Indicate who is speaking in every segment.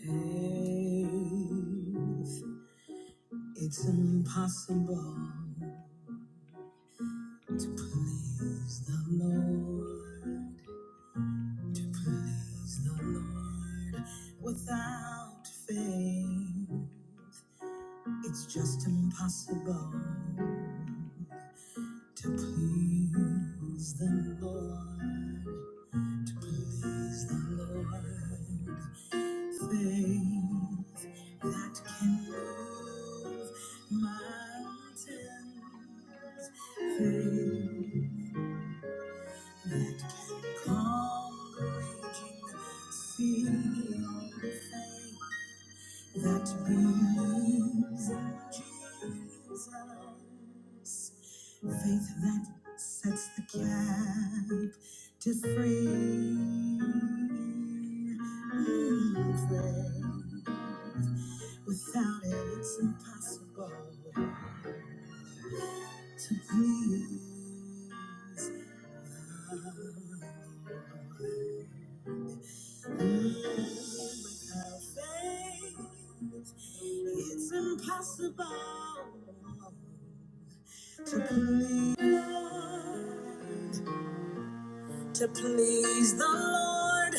Speaker 1: Faith, it's impossible to please the Lord, to please the Lord without faith. It's just impossible to please the Lord, to please the Lord. Faith that can move mountains. faith that can calm the raging sea. faith that believes in Jesus. Faith that sets the captive free. And faith, Without it, it's impossible to breathe. Without faith, it's impossible to please the Lord, to please the Lord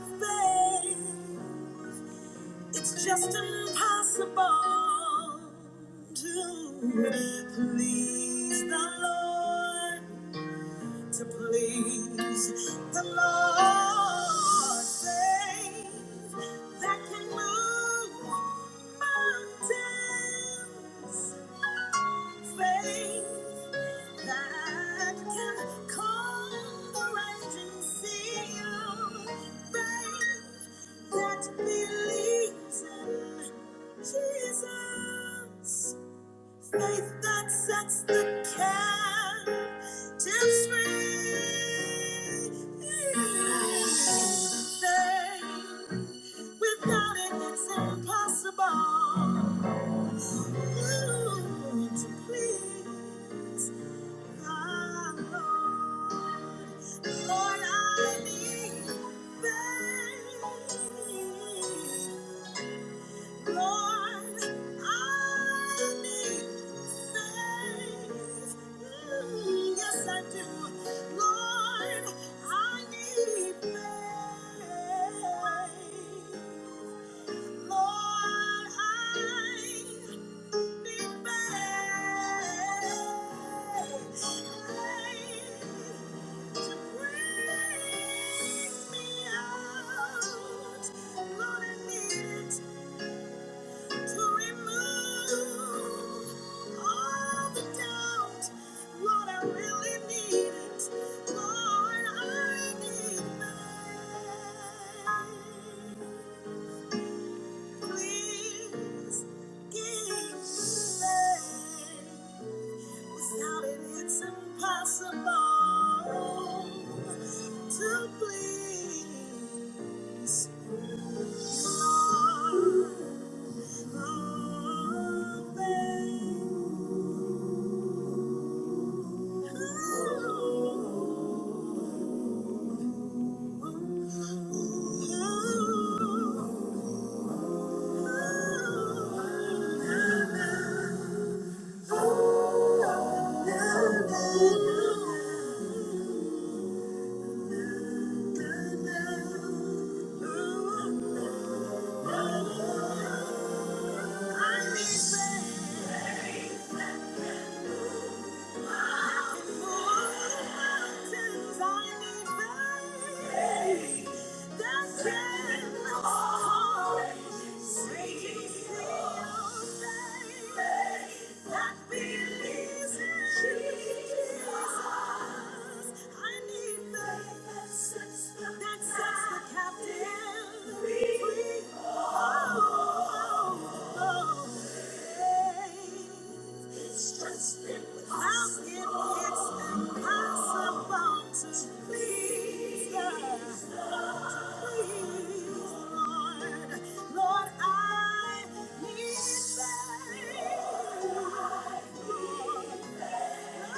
Speaker 1: without faith. It's just impossible to please the Lord to please the Lord. Faith that can move mountains. Faith that can calm the raging sea. Faith that believes in Jesus. Faith that sets the captives free. Faith without it, it's impossible. Ooh, to please my Lord. Lord, I need faith. Lord, I need it. Impossible to please, Lord. Thank you. That sets the captive. Lord, I need thy Thank you.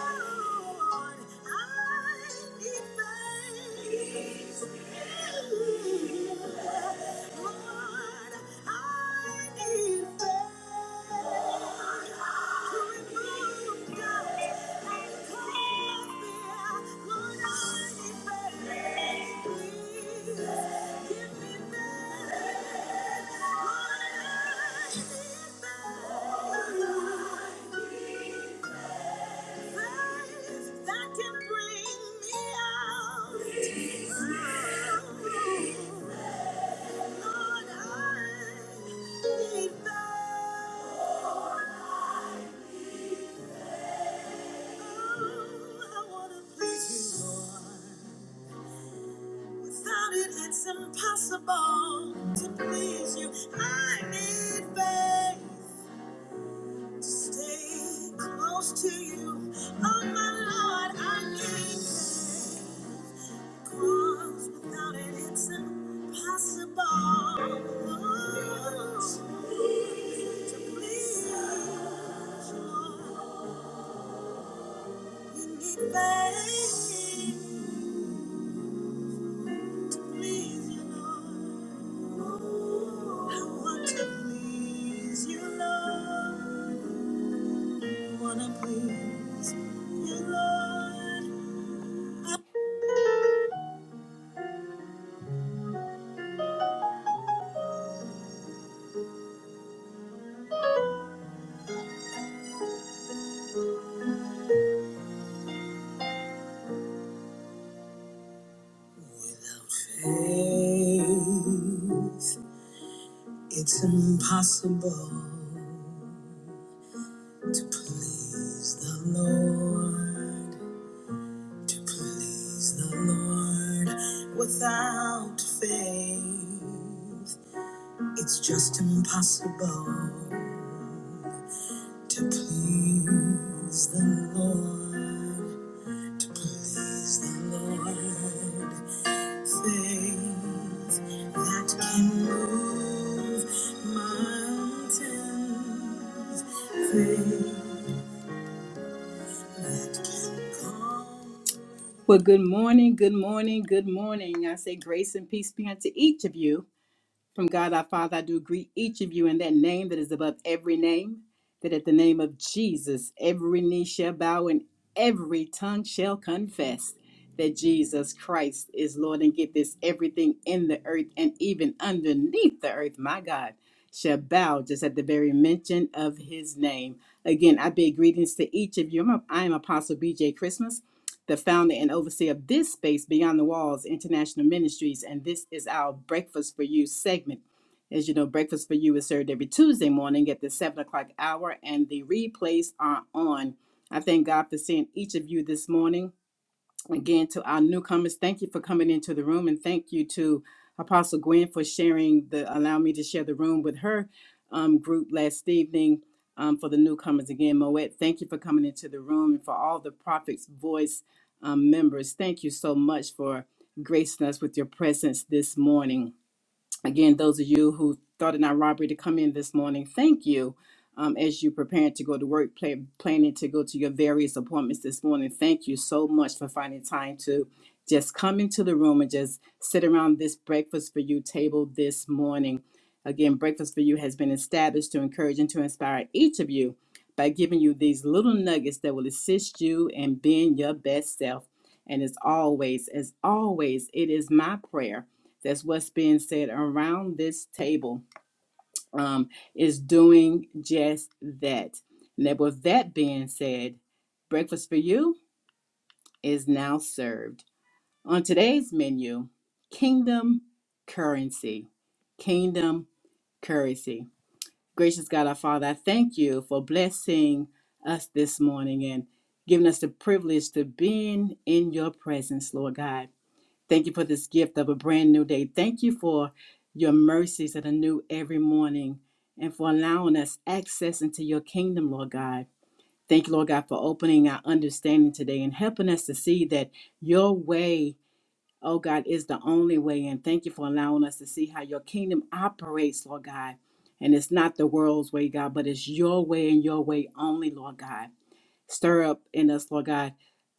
Speaker 1: Without it, it's impossible to please you. I need faith to stay close to you. Oh, my Lord, I need faith. Cause without it, it's impossible. Oh, to please you. We need faith to please you, Lord. I want to please you, Lord. I want to please you, Lord. Without faith. It's impossible to please the Lord, to please the Lord without faith. It's just impossible to please the Lord, to please the Lord. Faith that can move mountains. Faith that can calm. Well, good morning, good morning, good morning. I say grace and peace be unto each of you. From God our Father, I do greet each of you in that name that is above every name, that at the name of Jesus, every knee shall bow and every tongue shall confess that Jesus Christ is Lord. And get this everything in the earth and even underneath the earth, my God, shall bow just at the very mention of his name. Again, I bid greetings to each of you. I'm- I am Apostle BJ Christmas the founder and overseer of this space, Beyond the Walls International Ministries, and this is our Breakfast for You segment. As you know, Breakfast for You is served every Tuesday morning at the 7 o'clock hour, and the replays are on. I thank God for seeing each of you this morning again to our newcomers thank you for coming into the room and thank you to apostle gwen for sharing the allow me to share the room with her um, group last evening um, for the newcomers again moet thank you for coming into the room and for all the prophets voice um, members thank you so much for gracing us with your presence this morning Again, those of you who thought it not robbery to come in this morning, thank you. Um, as you prepare to go to work, plan, planning to go to your various appointments this morning, thank you so much for finding time to just come into the room and just sit around this breakfast for you table this morning. Again, breakfast for you has been established to encourage and to inspire each of you by giving you these little nuggets that will assist you in being your best self. And as always, as always, it is my prayer that's what's being said around this table um, is doing just that. And with that being said, breakfast for you is now served. On today's menu, kingdom currency. Kingdom currency. Gracious God, our Father, I thank you for blessing us this morning and giving us the privilege to being in your presence, Lord God. Thank you for this gift of a brand new day. Thank you for your mercies that are new every morning and for allowing us access into your kingdom, Lord God. Thank you, Lord God, for opening our understanding today and helping us to see that your way, oh God, is the only way. And thank you for allowing us to see how your kingdom operates, Lord God. And it's not the world's way, God, but it's your way and your way only, Lord God. Stir up in us, Lord God,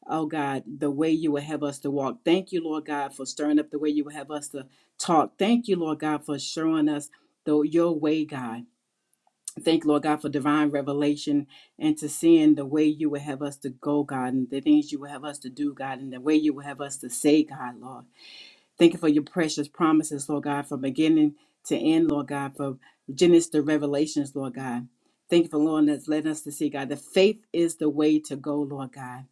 Speaker 1: oh God, the way you would have us to walk. Thank you, Lord God, for stirring up the way you would have us to talk. Thank you, Lord God, for showing us the, your way, God. Thank you, Lord God, for divine revelation and to seeing the way you would have us to go, God, and the things you would have us to do, God, and the way you would have us to say, God, Lord. Thank you for your precious promises, Lord God, from beginning to end, Lord God, from Genesis to Revelations, Lord God. Thank you for Lord, that's led us to see, God, that faith is the way to go, Lord God.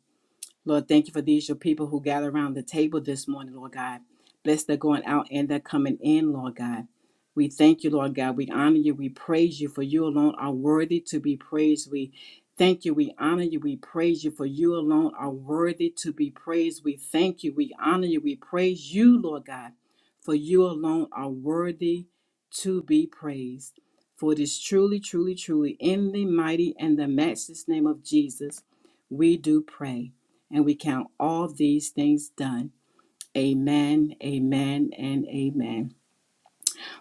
Speaker 1: Lord, thank you for these, your people who gather around the table this morning, Lord God. Bless their going out and their coming in, Lord God. We thank you, Lord God. We honor you. We praise you, for you alone are worthy to be praised. We thank you. We honor you. We praise you, for you alone are worthy to be praised. We thank you. We honor you. We praise you, Lord God, for you alone are worthy to be praised. For it is truly, truly, truly in the mighty and the matchless name of Jesus we do pray. And we count all these things done. Amen, amen, and amen.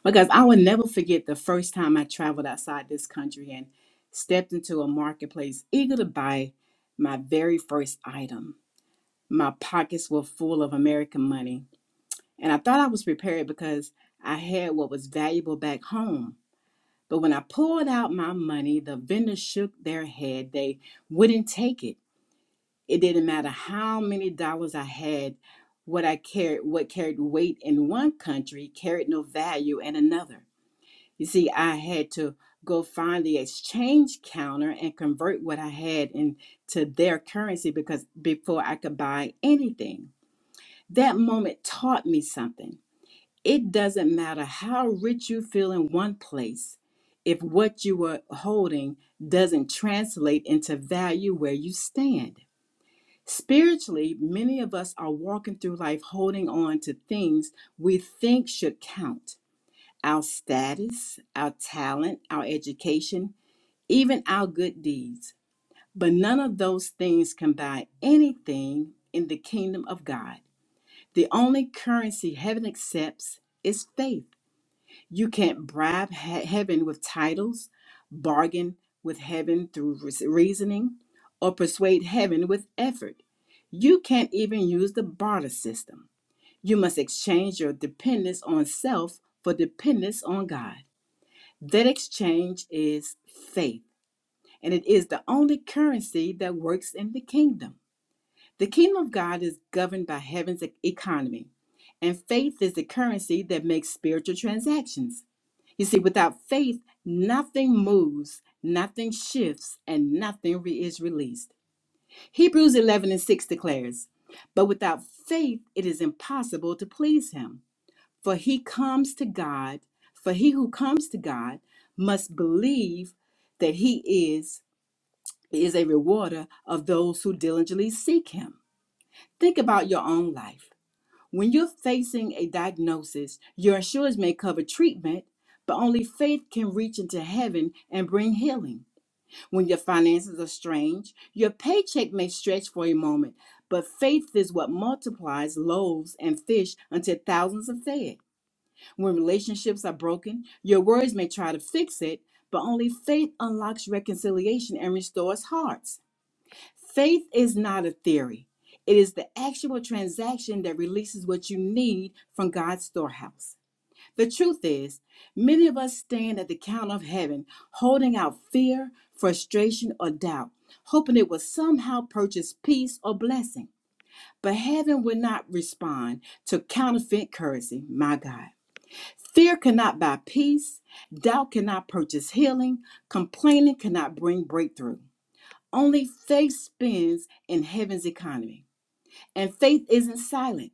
Speaker 1: Because I will never forget the first time I traveled outside this country and stepped into a marketplace eager to buy my very first item. My pockets were full of American money, and I thought I was prepared because I had what was valuable back home. But when I pulled out my money, the vendors shook their head. They wouldn't take it. It didn't matter how many dollars I had, what I carried, what carried weight in one country carried no value in another. You see, I had to go find the exchange counter and convert what I had into their currency because before I could buy anything. That moment taught me something. It doesn't matter how rich you feel in one place if what you are holding doesn't translate into value where you stand. Spiritually, many of us are walking through life holding on to things we think should count our status, our talent, our education, even our good deeds. But none of those things can buy anything in the kingdom of God. The only currency heaven accepts is faith. You can't bribe he- heaven with titles, bargain with heaven through re- reasoning, or persuade heaven with effort. You can't even use the barter system. You must exchange your dependence on self for dependence on God. That exchange is faith, and it is the only currency that works in the kingdom. The kingdom of God is governed by heaven's e- economy, and faith is the currency that makes spiritual transactions. You see, without faith, nothing moves, nothing shifts, and nothing re- is released. Hebrews 11 and 6 declares, But without faith, it is impossible to please him. For he comes to God, for he who comes to God must believe that he is, is a rewarder of those who diligently seek him. Think about your own life. When you're facing a diagnosis, your insurance may cover treatment, but only faith can reach into heaven and bring healing. When your finances are strained, your paycheck may stretch for a moment, but faith is what multiplies loaves and fish until thousands are fed. When relationships are broken, your words may try to fix it, but only faith unlocks reconciliation and restores hearts. Faith is not a theory, it is the actual transaction that releases what you need from God's storehouse. The truth is, many of us stand at the counter of heaven holding out fear, frustration, or doubt, hoping it will somehow purchase peace or blessing. But heaven will not respond to counterfeit currency, my God. Fear cannot buy peace, doubt cannot purchase healing, complaining cannot bring breakthrough. Only faith spins in heaven's economy. And faith isn't silent,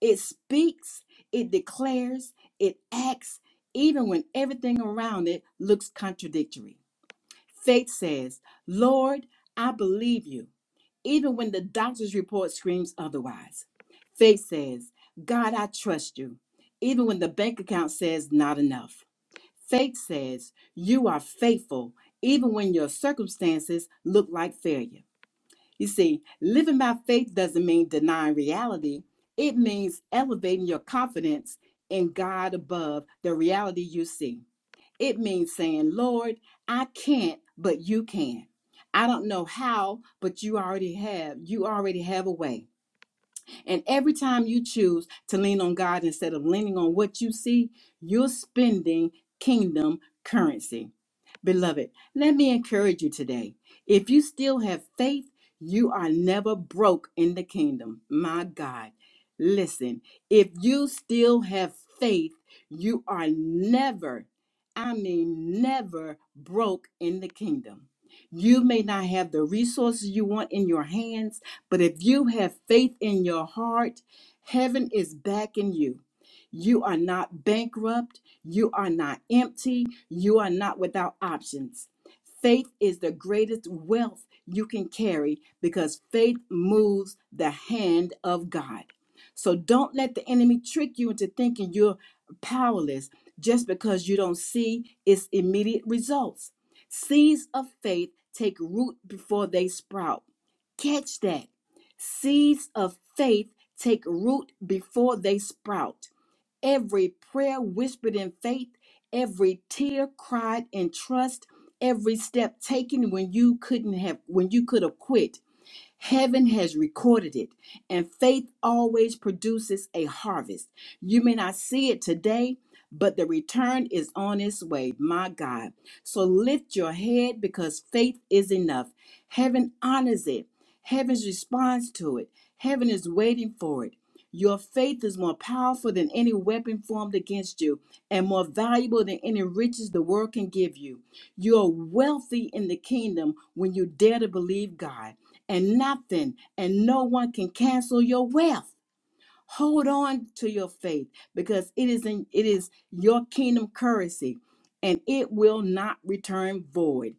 Speaker 1: it speaks, it declares, it acts, even when everything around it looks contradictory. Faith says, Lord, I believe you, even when the doctor's report screams otherwise. Faith says, God, I trust you, even when the bank account says not enough. Faith says, You are faithful, even when your circumstances look like failure. You see, living by faith doesn't mean denying reality, it means elevating your confidence in God above the reality you see. It means saying, Lord, I can't, but you can. I don't know how, but you already have. You already have a way. And every time you choose to lean on God instead of leaning on what you see, you're spending kingdom currency. Beloved, let me encourage you today. If you still have faith, you are never broke in the kingdom. My God. Listen, if you still have faith, you are never, I mean, never broke in the kingdom. You may not have the resources you want in your hands but if you have faith in your heart, heaven is backing you. You are not bankrupt. You are not empty. You are not without options. Faith is the greatest wealth you can carry because faith moves the hand of God. So don't let the enemy trick you into thinking you're powerless just because you don't see its immediate results. Seeds of faith take root before they sprout. Catch that. Seeds of faith take root before they sprout. Every prayer whispered in faith, every tear cried in trust, every step taken when you couldn't have when you could have quit. Heaven has recorded it, and faith always produces a harvest. You may not see it today, but the return is on its way, my God. So lift your head because faith is enough. Heaven honors it, heaven's response to it, heaven is waiting for it. Your faith is more powerful than any weapon formed against you and more valuable than any riches the world can give you. You're wealthy in the kingdom when you dare to believe God and nothing and no one can cancel your wealth. Hold on to your faith because it is in, it is your kingdom currency and it will not return void.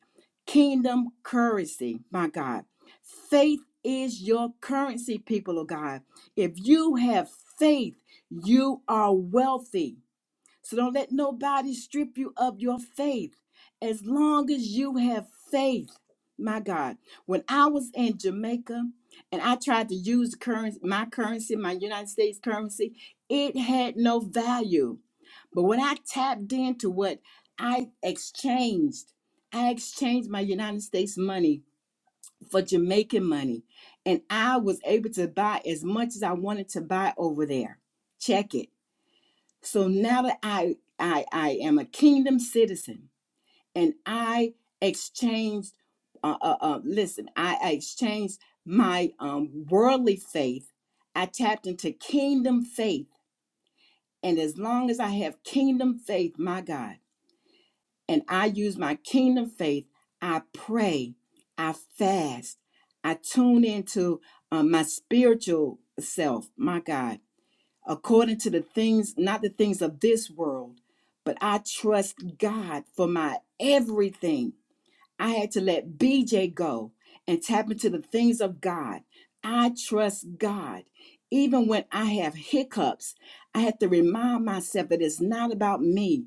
Speaker 1: Kingdom currency, my God. Faith is your currency, people of God. If you have faith, you are wealthy. So don't let nobody strip you of your faith. As long as you have faith, my God. When I was in Jamaica and I tried to use currency, my currency, my United States currency, it had no value. But when I tapped into what I exchanged, I exchanged my United States money for Jamaican money, and I was able to buy as much as I wanted to buy over there. Check it. So now that I I I am a kingdom citizen and I exchanged uh, uh, uh listen, I, I exchanged my um worldly faith. I tapped into kingdom faith. And as long as I have kingdom faith, my God, and I use my kingdom faith, I pray, I fast, I tune into uh, my spiritual self, my God according to the things, not the things of this world, but I trust God for my everything. I had to let BJ go and tap into the things of God. I trust God. Even when I have hiccups, I have to remind myself that it's not about me.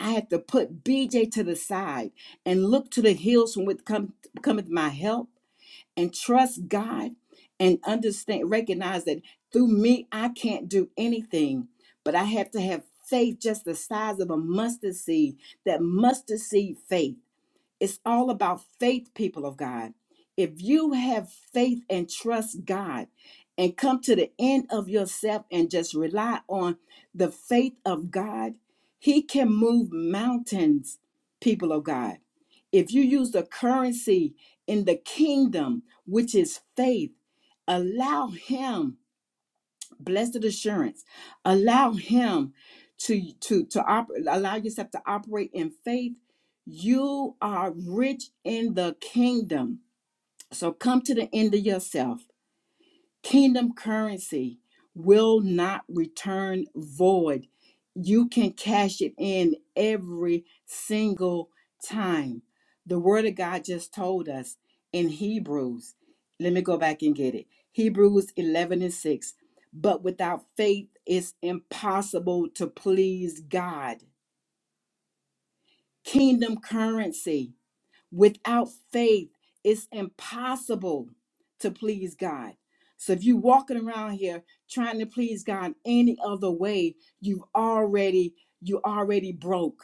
Speaker 1: I have to put BJ to the side and look to the hills from which come, cometh my help and trust God and understand, recognize that through me, I can't do anything, but I have to have faith just the size of a mustard seed, that mustard seed faith it's all about faith, people of God. If you have faith and trust God and come to the end of yourself and just rely on the faith of God, He can move mountains, people of God. If you use the currency in the kingdom, which is faith, allow Him blessed assurance allow him to to to op- allow yourself to operate in faith you are rich in the kingdom so come to the end of yourself Kingdom currency will not return void. You can cash it in every single time. The word of God just told us in Hebrews. Let me go back and get it. Hebrews 11 and 6. But without faith, it's impossible to please God. Kingdom currency. Without faith, it's impossible to please God. So if you're walking around here trying to please God any other way, you've already you already broke.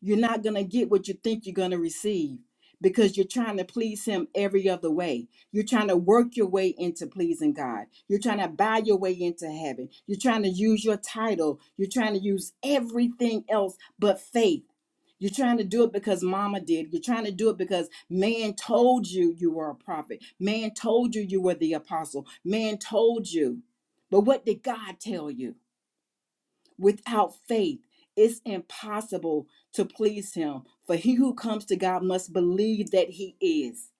Speaker 1: You're not gonna get what you think you're gonna receive because you're trying to please him every other way. You're trying to work your way into pleasing God. You're trying to buy your way into heaven. You're trying to use your title. You're trying to use everything else but faith you're trying to do it because mama did. You're trying to do it because man told you you were a prophet. Man told you you were the apostle. Man told you. But what did God tell you? Without faith, it's impossible to please him. For he who comes to God must believe that he is.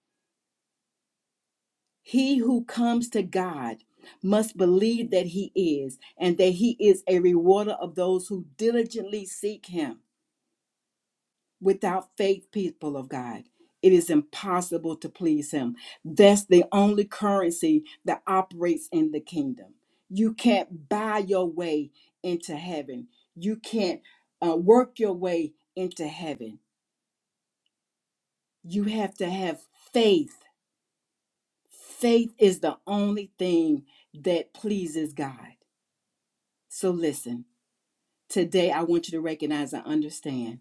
Speaker 1: He who comes to God must believe that he is, and that he is a rewarder of those who diligently seek him. Without faith, people of God, it is impossible to please Him. That's the only currency that operates in the kingdom. You can't buy your way into heaven, you can't uh, work your way into heaven. You have to have faith. Faith is the only thing that pleases God. So listen, today I want you to recognize and understand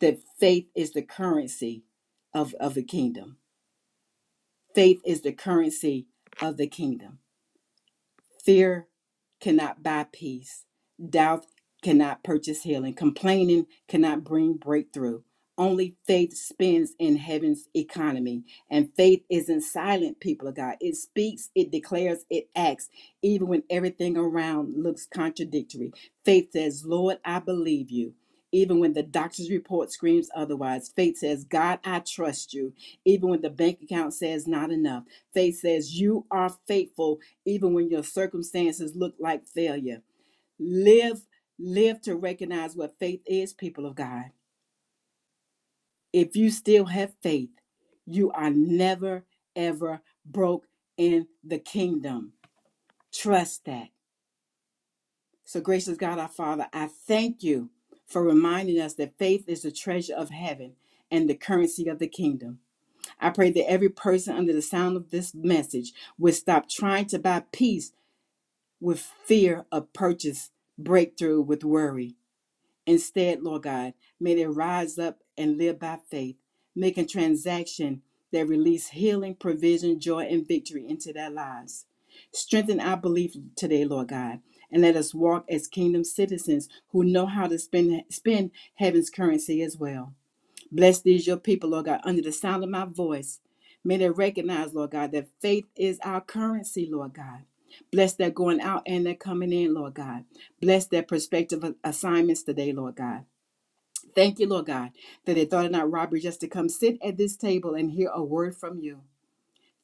Speaker 1: that faith is the currency of, of the kingdom Faith is the currency of the kingdom. Fear cannot buy peace. Doubt cannot purchase healing. Complaining cannot bring breakthrough. Only faith spins in heaven's economy. And faith isn't silent, people of God. It speaks, it declares, it acts, even when everything around looks contradictory. Faith says, Lord, I believe you. Even when the doctor's report screams otherwise, faith says, God, I trust you. Even when the bank account says not enough, faith says, You are faithful even when your circumstances look like failure. Live, live to recognize what faith is, people of God. If you still have faith, you are never, ever broke in the kingdom. Trust that. So, gracious God, our Father, I thank you for reminding us that faith is the treasure of heaven and the currency of the kingdom. I pray that every person under the sound of this message would stop trying to buy peace with fear of purchase, breakthrough with worry. Instead, Lord God, may they rise up and live by faith, making transaction that release healing, provision, joy, and victory into their lives. Strengthen our belief today, Lord God, and let us walk as kingdom citizens who know how to spend, spend heaven's currency as well. Bless these your people, Lord God, under the sound of my voice. May they recognize, Lord God, that faith is our currency, Lord God. Bless their going out and their coming in, Lord God. Bless their prospective assignments today, Lord God. Thank you, Lord God, that they thought it not robbery just to come sit at this table and hear a word from you.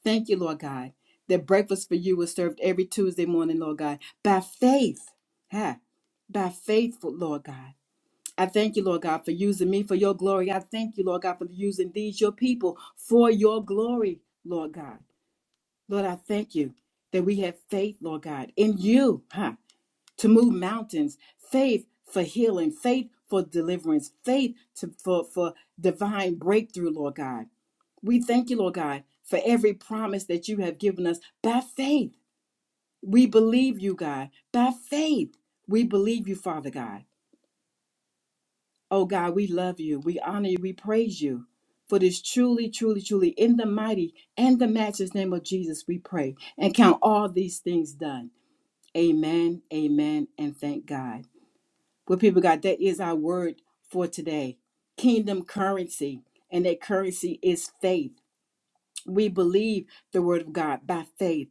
Speaker 1: Thank you, Lord God, that breakfast for you was served every Tuesday morning, Lord God, by faith. Ha! By faithful, Lord God. I thank you, Lord God, for using me for your glory. I thank you, Lord God, for using these, your people, for your glory, Lord God. Lord, I thank you that we have faith, Lord God, in you, huh, to move mountains, faith for healing, faith for deliverance, faith to, for, for divine breakthrough, Lord God. We thank you, Lord God, for every promise that you have given us by faith. We believe you, God, by faith. We believe you, Father God. Oh God, we love you. We honor you. We praise you. For this truly, truly, truly, in the mighty and the matchless name of Jesus, we pray and count all these things done. Amen, amen, and thank God. Well, people, God, that is our word for today kingdom currency, and that currency is faith. We believe the word of God by faith.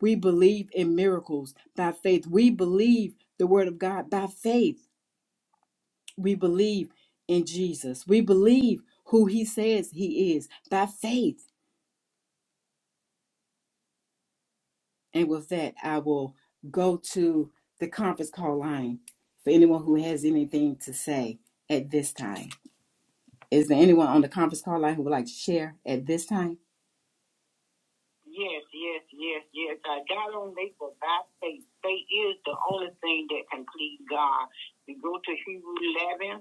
Speaker 1: We believe in miracles by faith. We believe the word of God by faith. We believe in Jesus. We believe who he says he is by faith. And with that, I will go to the conference call line for anyone who has anything to say at this time. Is there anyone on the conference call line who would like to share at this time? Yes, yes, yes, yes. Uh, God don't make but by faith. Faith is the only thing that can please God. We go to Hebrew 11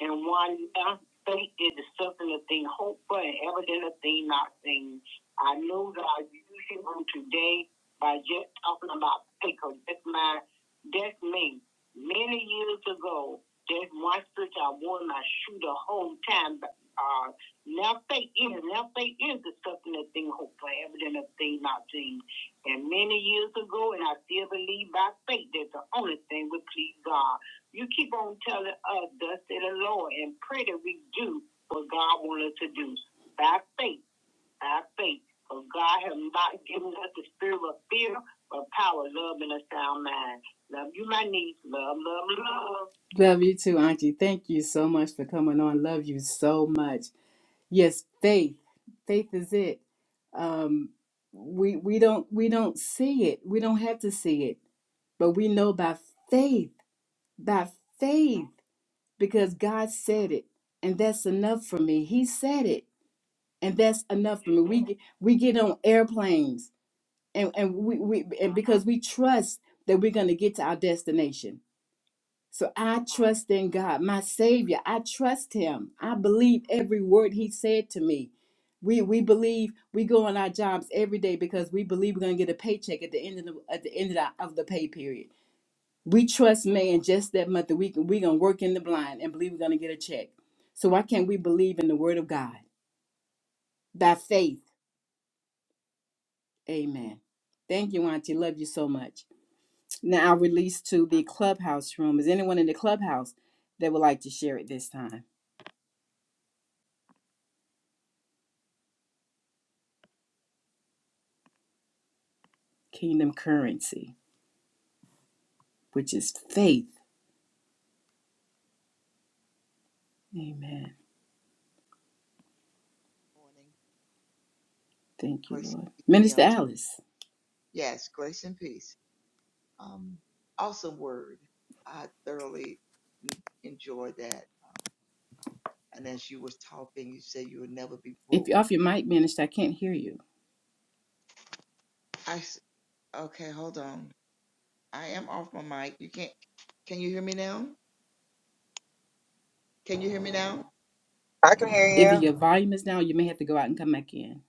Speaker 1: and 1. Uh, faith is the substance of thing hoped for and evidence of thing not seen. I know God used him on today by just talking about faith. 'cause that's my, that's me. Many years ago, there's one scripture I wore my shoe the whole time. Uh, now faith is, now faith is the substance of things hoped for, evidence of things not seen. And many years ago, and I still believe by faith that the only thing would please God. You keep on telling us, thus say the Lord, and pray that we do what God wants us to do. By faith, by faith. For God has not given us the spirit of fear, but power, love, and a sound mind. Love you, my niece. Love, love, love. Love you too, Auntie. Thank you so much for coming on. Love you so much. Yes, faith. Faith is it. Um, we we don't we don't see it. We don't have to see it, but we know by faith, by faith, because God said it, and that's enough for me. He said it, and that's enough for me. We get, we get on airplanes, and and we, we and because we trust that we're going to get to our destination. So I trust in God, my Savior. I trust Him. I believe every word He said to me. We we believe we go on our jobs every day because we believe we're gonna get a paycheck at the end of the at the end of the, of the pay period. We trust man just that month that we can we gonna work in the blind and believe we're gonna get a check. So why can't we believe in the Word of God by faith? Amen. Thank you, Auntie. Love you so much. Now I release to the clubhouse room. Is anyone in the clubhouse that would like to share it this time? kingdom currency, which is faith. Amen.
Speaker 2: morning.
Speaker 1: Thank you,
Speaker 2: Grace and
Speaker 1: Lord.
Speaker 2: peace be
Speaker 1: Minister
Speaker 2: unto you.
Speaker 1: Alice,
Speaker 2: Yes, grace and peace. Um, awesome word. I thoroughly n- enjoyed that. Uh, and as you was talking, you said you would never be
Speaker 1: if
Speaker 2: broke.
Speaker 1: you're off your mic, Minister, I can't hear you.
Speaker 2: I s- okay. Hold on. I am off my mic. You can't. Can you hear me now? Can you hear me now?
Speaker 3: I can hear
Speaker 1: Either
Speaker 3: you.
Speaker 1: your volume is down, you may have to go out and come back in.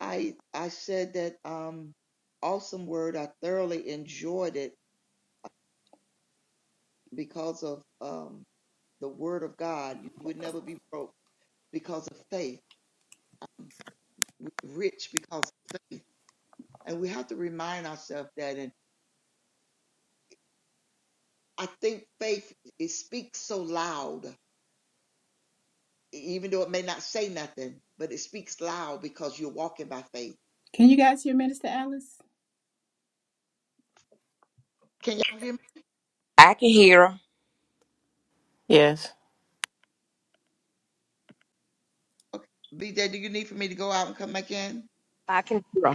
Speaker 2: I I said that um awesome word. I thoroughly enjoyed it because of um the word of God. You would never be broke because of faith rich because of faith. And we have to remind ourselves that. And I think faith, it speaks so loud, e-, even though it may not say nothing, but it speaks loud because you're walking by faith.
Speaker 1: Can you guys hear Minister Alice?
Speaker 2: Can y'all hear me?
Speaker 4: I can hear 'em.
Speaker 5: Yes.
Speaker 2: Okay. BJ, do you need for me to go out and come back in?
Speaker 6: I can, you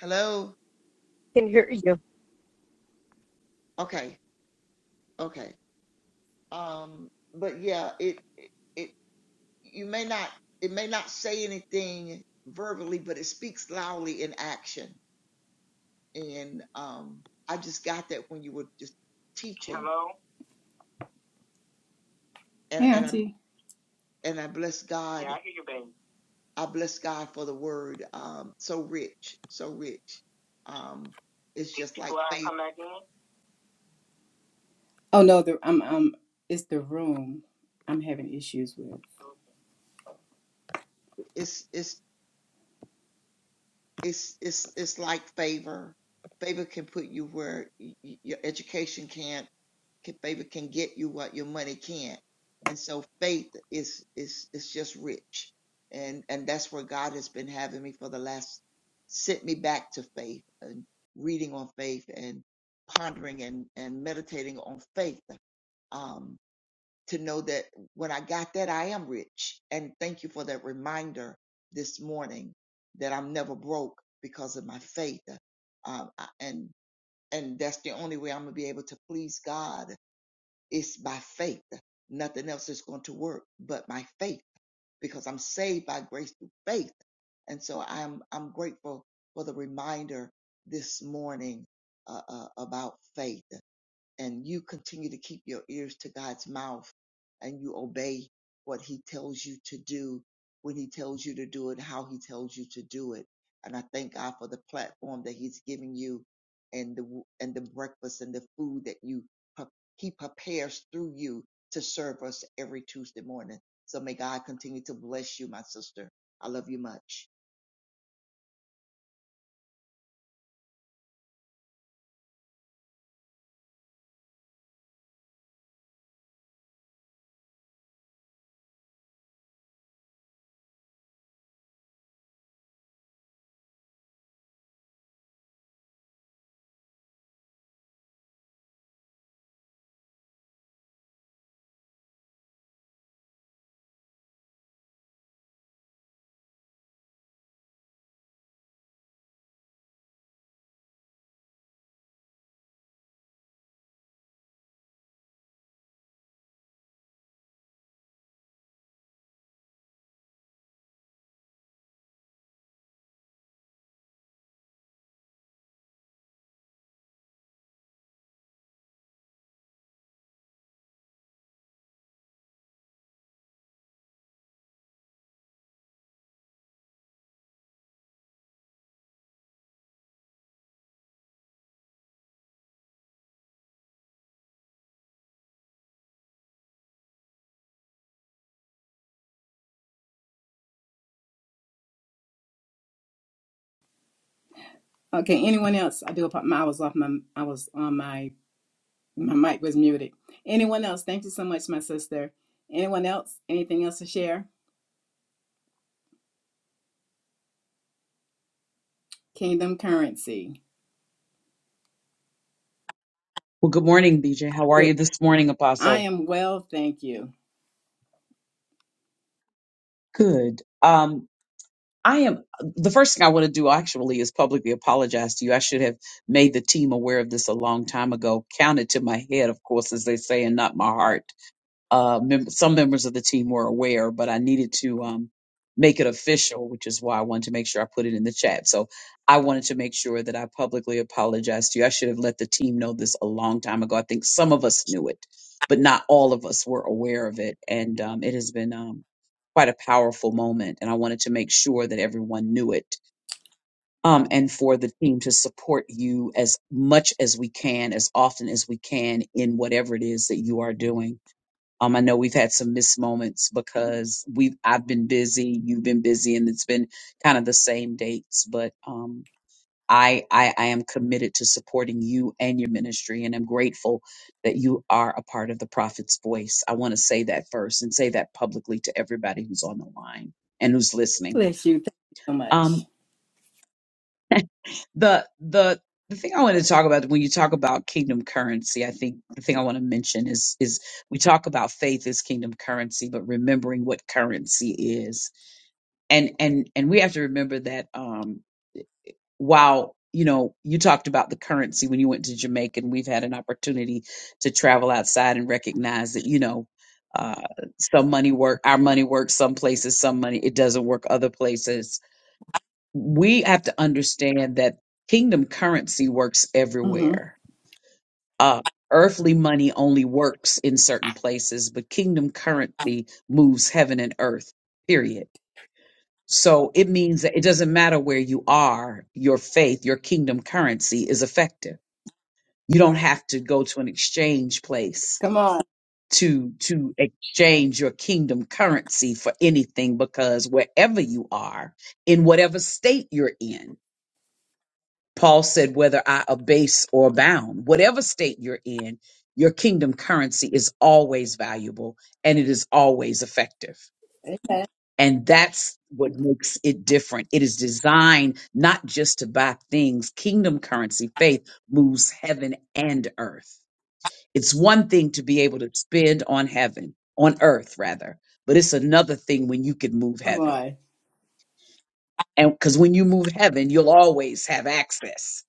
Speaker 2: Hello?
Speaker 6: can hear you.
Speaker 2: Okay. Okay. Um, but yeah, it, it, it, you may not, it may not say anything verbally, but it speaks loudly in action. And, um, I just got that when you were just teaching
Speaker 1: Hello?
Speaker 2: and
Speaker 1: Hey,
Speaker 2: and I.
Speaker 1: Auntie.
Speaker 2: and I bless
Speaker 1: Yeah,
Speaker 2: God.
Speaker 1: I hear you, baby.
Speaker 2: I bless God for the word. Um, so rich, so rich. Um, it's
Speaker 1: Did
Speaker 2: just
Speaker 1: you
Speaker 2: like
Speaker 1: go out and
Speaker 2: favor.
Speaker 1: come back in? Oh no, the I'm um it's the room I'm having issues with.
Speaker 2: It's it's it's it's it's like favor. Favor can put you where y- y- your education can't. Can, favor can get you what your money can't. And so faith is is is just rich, and and that's where God has been having me for the last. Sent me back to faith and reading on faith and pondering and and meditating on faith um, to know that when I got that, I am rich. And thank you for that reminder this morning that I'm never broke because of my faith. Um, I- and and that's the only way I'm gonna be able to please God is by faith. Nothing else is going to work but my faith because I'm saved by grace through faith. And so I'm I'm grateful for the reminder this morning uh, uh, about faith and you continue to keep your ears to God's mouth and you obey what he tells you to do when he tells you to do it, how he tells you to do it. And I thank God for the platform that he's giving you and the, and the breakfast and the food that you, he prepares through you to serve us every Tuesday morning. So may God continue to bless you, my sister. I love you much.
Speaker 1: Okay, anyone else? I do. I was off my. I was on my. My mic was muted. Anyone else? Thank you so much, my sister. Anyone else? Anything else to share? Kingdom currency.
Speaker 7: Well, good morning, BJ. How are
Speaker 1: Good.
Speaker 7: you this morning,
Speaker 1: I
Speaker 7: Apostle?
Speaker 1: am well, thank you.
Speaker 7: Good. Um, I am the first thing I want to do actually is publicly apologize to you. I should have made the team aware of this a long time ago. Counted to my head, of course, as they say, and not my heart. Uh, mem- some members of the team were aware, but I needed to um, make it official, which is why I wanted to make sure I put it in the chat. So I wanted to make sure that I publicly apologized to you. I should have let the team know this a long time ago. I think some of us knew it, but not all of us were aware of it. And um, it has been um, quite a powerful moment. And I wanted to make sure that everyone knew it um, and for the team to support you as much as we can, as often as we can, in whatever it is that you are doing. Um, I know we've had some missed moments because we I've been busy, you've been busy, and it's been kind of the same dates. But um, I, I I am committed to supporting you and your ministry, and I'm grateful that you are a part of the Prophet's Voice. I want to say that first and say that publicly to everybody who's on the line and who's listening.
Speaker 1: Bless you. Thank you so much.
Speaker 7: Um, the the the thing I want to talk about when you talk about kingdom currency, I think the thing I want to mention is is we talk about faith as kingdom currency, but remembering what currency is, and and and we have to remember that um, while you know you talked about the currency when you went to Jamaica, and we've had an opportunity to travel outside and recognize that you know uh, some money work, our money works some places, some money it doesn't work other places we have to understand that kingdom currency works
Speaker 1: hmm
Speaker 7: everywhere. Uh, earthly money only works in certain places, but kingdom currency moves heaven and earth, period. So it means that it doesn't matter where you are, your faith, your kingdom currency is effective. You don't have to go to an exchange place
Speaker 1: Come on.
Speaker 7: to to exchange your kingdom currency for anything because wherever you are in whatever state you're in Paul said, whether I abase or abound, whatever state you're in, your kingdom currency is always valuable and it is always effective.
Speaker 1: Amen.
Speaker 7: And that's what makes it different. It is designed not just to buy things. Kingdom currency, faith moves heaven and earth. It's one thing to be able to spend on heaven, on earth rather, but it's another thing when you can move
Speaker 1: Come
Speaker 7: heaven.
Speaker 1: on.
Speaker 7: And because when you move heaven, you'll always have access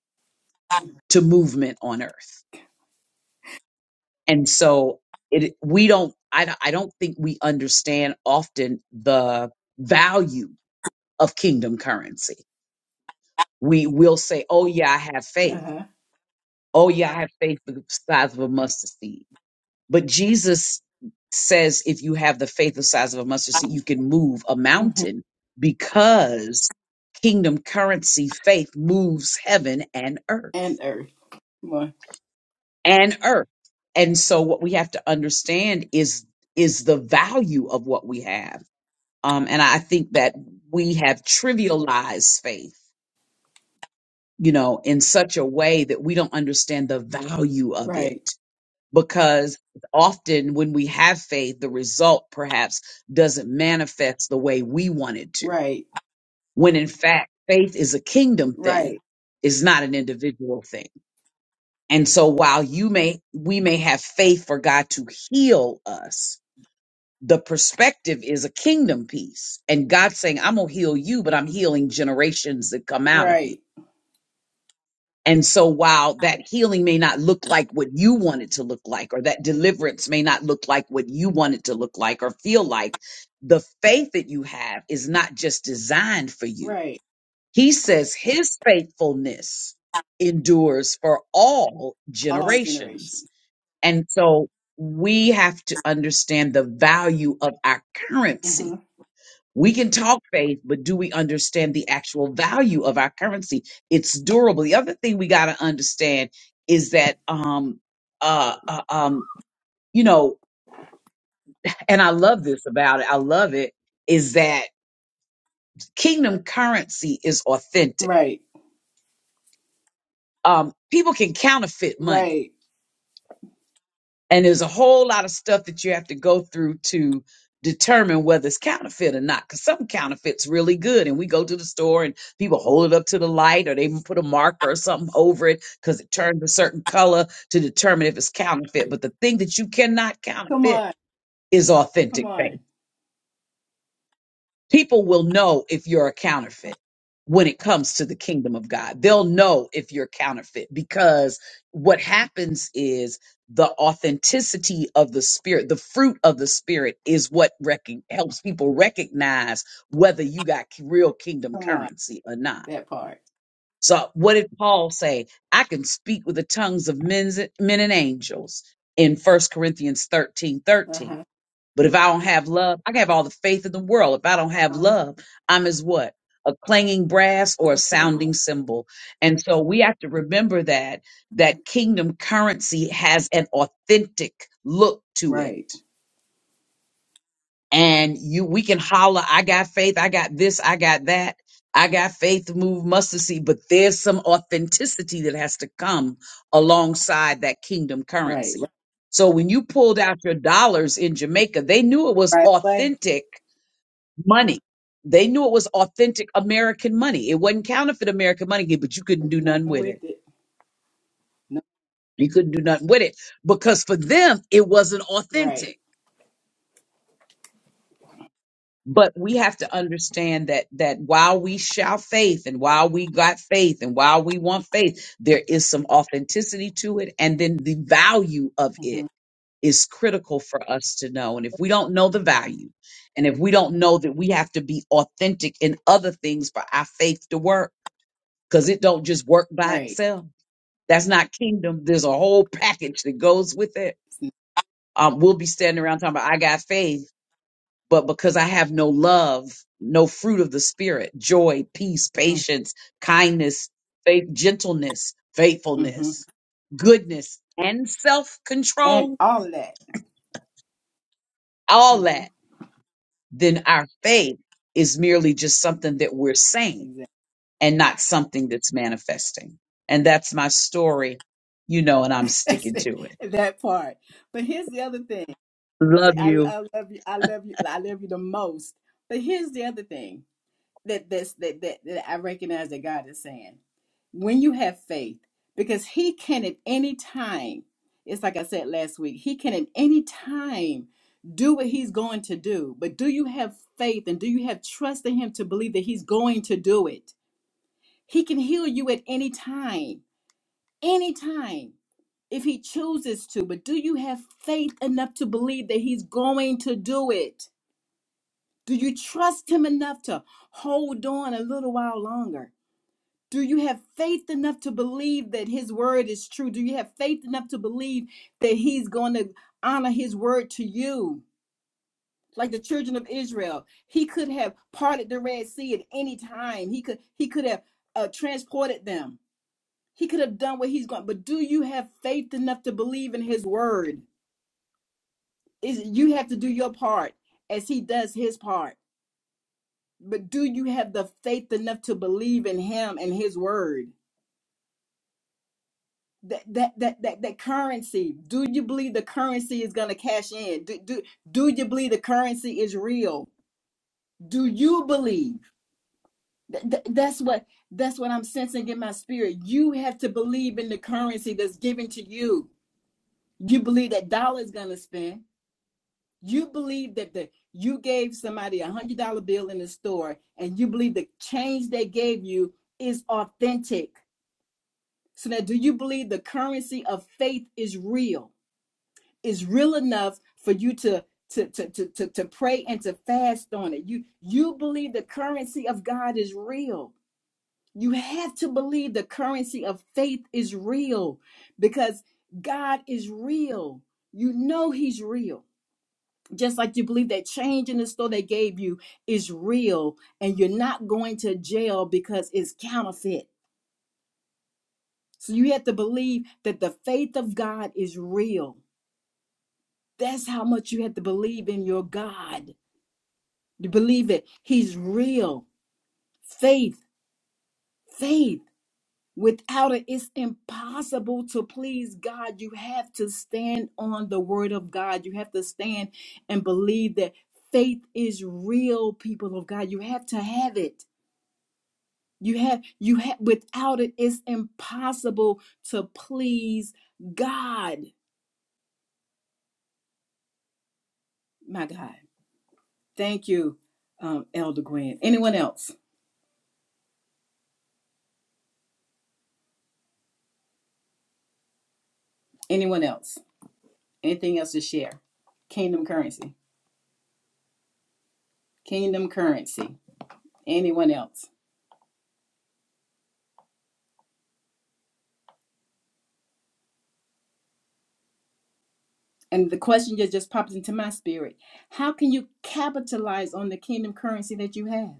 Speaker 7: to movement on earth And so it we don't I, don't- I don't think we understand often the value of kingdom currency. We will say, "Oh yeah, I have faith.
Speaker 1: Uh-huh.
Speaker 7: Oh yeah, I have faith the size of a mustard seed." But Jesus says if you have the faith the size of a mustard seed, you can move a
Speaker 1: hmm
Speaker 7: mountain because kingdom currency faith moves heaven and earth.
Speaker 1: And earth. Come on.
Speaker 7: and earth. And so what we have to understand is is the value of what we have. Um, and I think that we have trivialized faith, you know, in such a way that we don't understand the value of it.
Speaker 1: Right.
Speaker 7: Because often when we have faith, the result perhaps doesn't manifest the way we want it to.
Speaker 1: Right.
Speaker 7: When in fact, faith is a kingdom thing,
Speaker 1: Right.
Speaker 7: it's not an individual thing. And so while you may we may have faith for God to heal us, the perspective is a kingdom piece. And God's saying, I'm gonna heal you, but I'm healing generations that come out of you.
Speaker 1: Right.
Speaker 7: And so while that healing may not look like what you want it to look like, or that deliverance may not look like what you want it to look like or feel like, the faith that you have is not just designed for you.
Speaker 1: Right.
Speaker 7: He says his faithfulness endures for all
Speaker 1: All
Speaker 7: generations.
Speaker 1: generations.
Speaker 7: And so we have to understand the value of our
Speaker 1: hmm
Speaker 7: currency. We can talk faith, but do we understand the actual value of our currency? It's durable. The other thing we got to understand is that, um, uh, uh, um, you know, and I love this about it. I love it is that kingdom currency is authentic.
Speaker 1: Right.
Speaker 7: Um, people can counterfeit money
Speaker 1: Right.
Speaker 7: And there's a whole lot of stuff that you have to go through to determine whether it's counterfeit or not. Because some counterfeits really good, and we go to the store and people hold it up to the light, or they even put a marker or something over it because it turns a certain color to determine if it's counterfeit. But the thing that you cannot
Speaker 1: Come
Speaker 7: counterfeit
Speaker 1: on.
Speaker 7: is
Speaker 1: Come
Speaker 7: authentic faith
Speaker 1: on.
Speaker 7: people will know if you're a counterfeit when it comes to the kingdom of God. They'll know if you're counterfeit because what happens is the authenticity of the spirit, the fruit of the spirit is what rec- helps people recognize whether you got k- real kingdom
Speaker 1: Come on.
Speaker 7: currency or not.
Speaker 1: That part.
Speaker 7: So what did Paul say? I can speak with the tongues of men's, men and angels in First Corinthians 13 13.
Speaker 1: Uh-huh.
Speaker 7: But if I don't have love, I can have all the faith in the world. If I don't have
Speaker 1: I'll have
Speaker 7: love, I'm as what? A clanging brass or a sounding
Speaker 1: symbols.
Speaker 7: cymbal. And so we have to remember that that kingdom currency has an authentic look to it
Speaker 1: Right.
Speaker 7: and you we can holler i got faith i got this i got that i got faith to move mustard seed but there's some authenticity that has to come alongside that kingdom
Speaker 1: Right.
Speaker 7: currency so when you pulled out your dollars in jamaica they knew it was
Speaker 1: right away.
Speaker 7: authentic
Speaker 1: Mm,
Speaker 7: money they knew it was authentic american money it wasn't counterfeit american money but you
Speaker 1: Do
Speaker 7: couldn't do nothing
Speaker 1: nothing
Speaker 7: with
Speaker 1: with
Speaker 7: it
Speaker 1: it. No,
Speaker 7: you couldn't do nothing with it because for them it wasn't authentic
Speaker 1: right,
Speaker 7: but we have to understand that that while we shout faith and while we got faith and while we want faith there is some authenticity to it and then the value of
Speaker 1: hmm
Speaker 7: it is critical for us to know and if we don't know the value and if we don't know that we have to be authentic in other things for our faith to work because it don't just work by
Speaker 1: right,
Speaker 7: itself that's not kingdom there's a whole package that goes with it um, we'll be standing around talking about i got faith but because I have no love, no fruit of the spirit, joy, peace,
Speaker 1: mm-hmm.
Speaker 7: patience, kindness, faith, gentleness,
Speaker 1: Mm-hmm.
Speaker 7: faithfulness, goodness, and self
Speaker 1: and
Speaker 7: control,
Speaker 1: all of that.
Speaker 7: all
Speaker 1: hmm
Speaker 7: that, then our faith is merely just something that we're saying
Speaker 1: Exactly.
Speaker 7: and not something that's manifesting. And that's my story, you know, and I'm
Speaker 1: That's
Speaker 7: sticking
Speaker 1: it.
Speaker 7: to it.
Speaker 1: That part. But here's the other thing.
Speaker 7: Love
Speaker 1: I,
Speaker 7: you.
Speaker 1: I love you. I love you. I love you the most. But here's the other thing. that that's that, that that I recognize that God is saying. When you have faith, because He can at any time, it's like I said last week, He can at any time do what He's going to do. But do you have faith and do you have trust in Him to believe that He's going to do it? He can heal you at any time, any time. If he chooses to, but do you have faith enough to believe that he's going to do it? Do you trust him enough to hold on a little while longer? Do you have faith enough to believe that his word is true? Do you have faith enough to believe that he's going to honor his word to you? Like the children of Israel, he could have parted the Red Sea at any time. He could he could have uh, transported them. He could have done what he's going. But do you have faith enough to believe in his word? Is you have to do your part as he does his part. But do you have the faith enough to believe in him and his word? that that that that that currency do you believe the currency is going to cash in do, do do you believe the currency is real do you believe Th- th- that's what that's what i'm sensing in my spirit you have to believe in the currency that's given to you you believe that dollar is going to spend you believe that the you gave somebody a hundred dollar bill in the store and you believe the change they gave you is authentic so now do you believe the currency of faith is real is real enough for you to to, to, to, to to pray and to fast on it. You you believe the currency of God is real. You have to believe the currency of faith is real because God is real. You know he's real. Just like you believe that change in the store they gave you is real and you're not going to jail because it's counterfeit. So you have to believe that the faith of God is real. That's how much you have to believe in your God You believe it. He's real. Faith, faith. Without it, it's impossible to please God. You have to stand on the word of God. You have to stand and believe that faith is real, people of God. You have to have it. You have, you have, without it, it's impossible to please God. My God. Thank you, um, Elder Gwen. Anyone else? Anyone else? Anything else to share? Kingdom currency. Kingdom currency. Anyone else? And the question just just popped into my spirit. How can you capitalize on the kingdom currency that you have?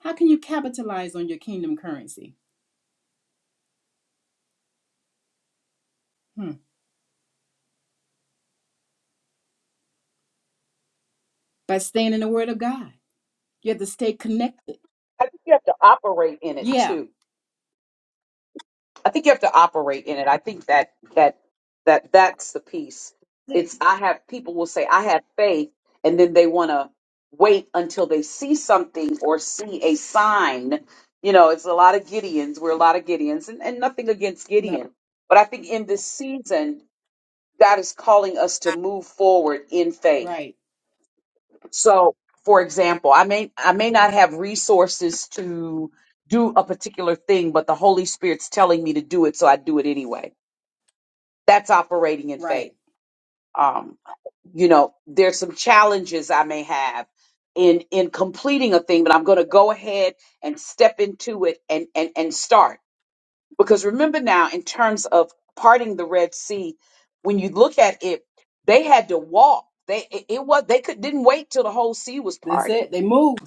Speaker 1: How can you capitalize on your kingdom currency? Hmm. By staying in the word of God. You have to stay connected.
Speaker 7: I think you have to operate in it
Speaker 1: Yeah.
Speaker 7: too. I think you have to operate in it. I think that that that that's the piece.
Speaker 1: That's it.
Speaker 7: It's I have people will say I have faith, and then they want to wait until they see something or see a sign. You know, it's a lot of Gideons. We're a lot of Gideons, and, and nothing against
Speaker 1: No.
Speaker 7: Gideon, but I think in this season, God is calling us to move forward in faith.
Speaker 1: Right.
Speaker 7: So, for example, I may I may not have resources to do a particular thing, but the Holy Spirit's telling me to do it, so I do it anyway that's operating in
Speaker 1: Right.
Speaker 7: faith. Um, you know, there's some challenges I may have in in completing a thing, but I'm going to go ahead and step into it and and and start. Because remember now, in terms of parting the Red Sea, when you look at it, they had to walk. They it, it was they could didn't wait till the whole sea was
Speaker 1: That's
Speaker 7: parted.
Speaker 1: it. They move.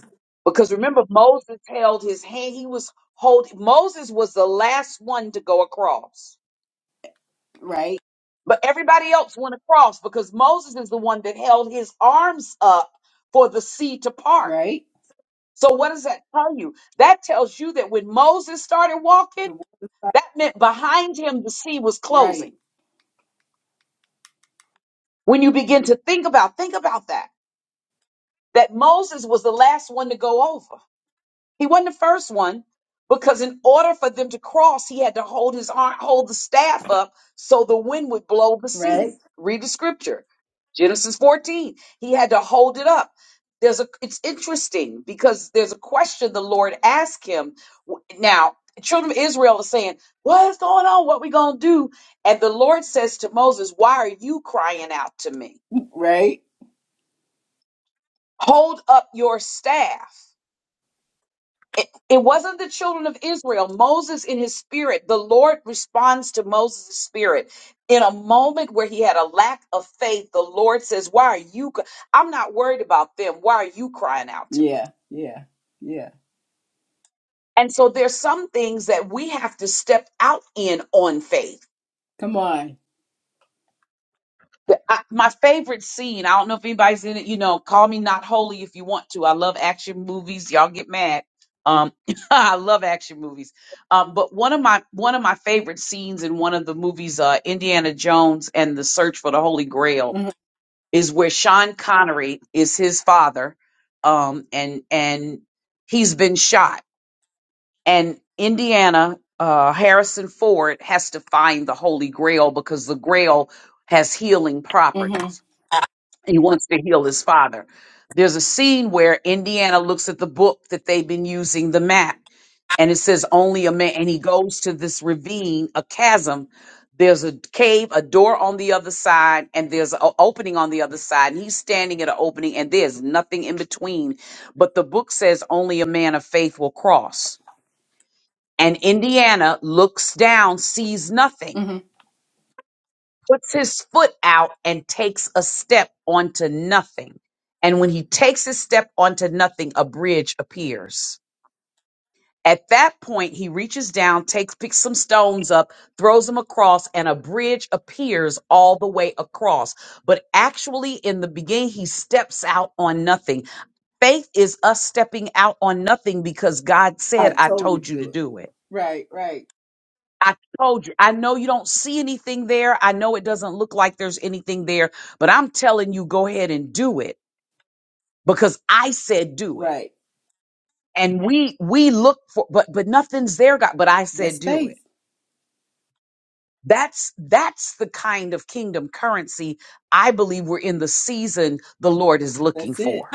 Speaker 7: Because remember, Moses held his hand. He was hold. Moses was the last one to go across
Speaker 1: Right.
Speaker 7: But everybody else went across because Moses is the one that held his arms up for the sea to part.
Speaker 1: Right.
Speaker 7: So what does that tell you? That tells you that when Moses started walking,
Speaker 1: The, wo-
Speaker 7: that meant behind him the sea was
Speaker 1: right.
Speaker 7: closing. When you begin to think about, think about that, that Moses was the last one to go over. He wasn't the first one because in order for them to cross, he had to hold his arm, hold the staff up so the wind would blow the sea.
Speaker 1: Right.
Speaker 7: Read the scripture. Genesis 14. He had to hold it up. There's a it's interesting because there's a question the Lord asked him. W- Now, children of Israel are saying, What is going on? What we gonna do? And the Lord says to Moses, Why are you crying out to me?
Speaker 1: Right.
Speaker 7: Hold up your staff. It, it wasn't the children of Israel. Moses, in his spirit, the Lord responds to Moses' spirit. In a moment where he had a lack of faith, the Lord says, Why are you? c- I'm not worried about them. Why are you crying out to me?
Speaker 1: Yeah. Yeah. Yeah.
Speaker 7: And so there's some things that we have to step out in on faith
Speaker 1: Come on.
Speaker 7: But I, my favorite scene, I don't know if anybody's in it, you know, call me not holy if you want to. I love action movies. Y'all get mad. Um, I love action movies. Um, but one of my one of my favorite scenes in one of the movies, uh, Indiana Jones and the Search for the Holy Grail,
Speaker 1: hmm
Speaker 7: is where Sean Connery is his father, um, and and he's been shot. And Indiana uh, Harrison Ford has to find the Holy Grail because the Grail has healing
Speaker 1: hmm
Speaker 7: properties he wants to heal his father. There's a scene where Indiana looks at the book that they've been using, the map, and it says only a man. And he goes to this ravine, a chasm. There's a cave, a door on the other side, and there's an opening on the other side. And he's standing at an opening, and there's nothing in between. But the book says only a man of faith will cross. And Indiana looks down, sees nothing
Speaker 1: hmm
Speaker 7: puts his foot out and takes a step onto nothing. And when he takes his step onto nothing, a bridge appears. At that point, he reaches down, takes picks some stones up, throws them across, and a bridge appears all the way across. But actually, in the beginning, he steps out on nothing. Faith is us stepping out on nothing because God
Speaker 1: I
Speaker 7: said, I
Speaker 1: told you to
Speaker 7: told you to
Speaker 1: do it.
Speaker 7: do it.
Speaker 1: Right, right.
Speaker 7: I told you, I know you don't see anything there. I know it doesn't look like there's anything there, but I'm telling you, go ahead and do it because I said do it.
Speaker 1: Right.
Speaker 7: And we, we look for, but, but nothing's there, God, but I
Speaker 1: That's
Speaker 7: said do it.
Speaker 1: faith.
Speaker 7: That's, that's the kind of kingdom currency I believe we're in the season the Lord is looking
Speaker 1: That's
Speaker 7: for.
Speaker 1: it.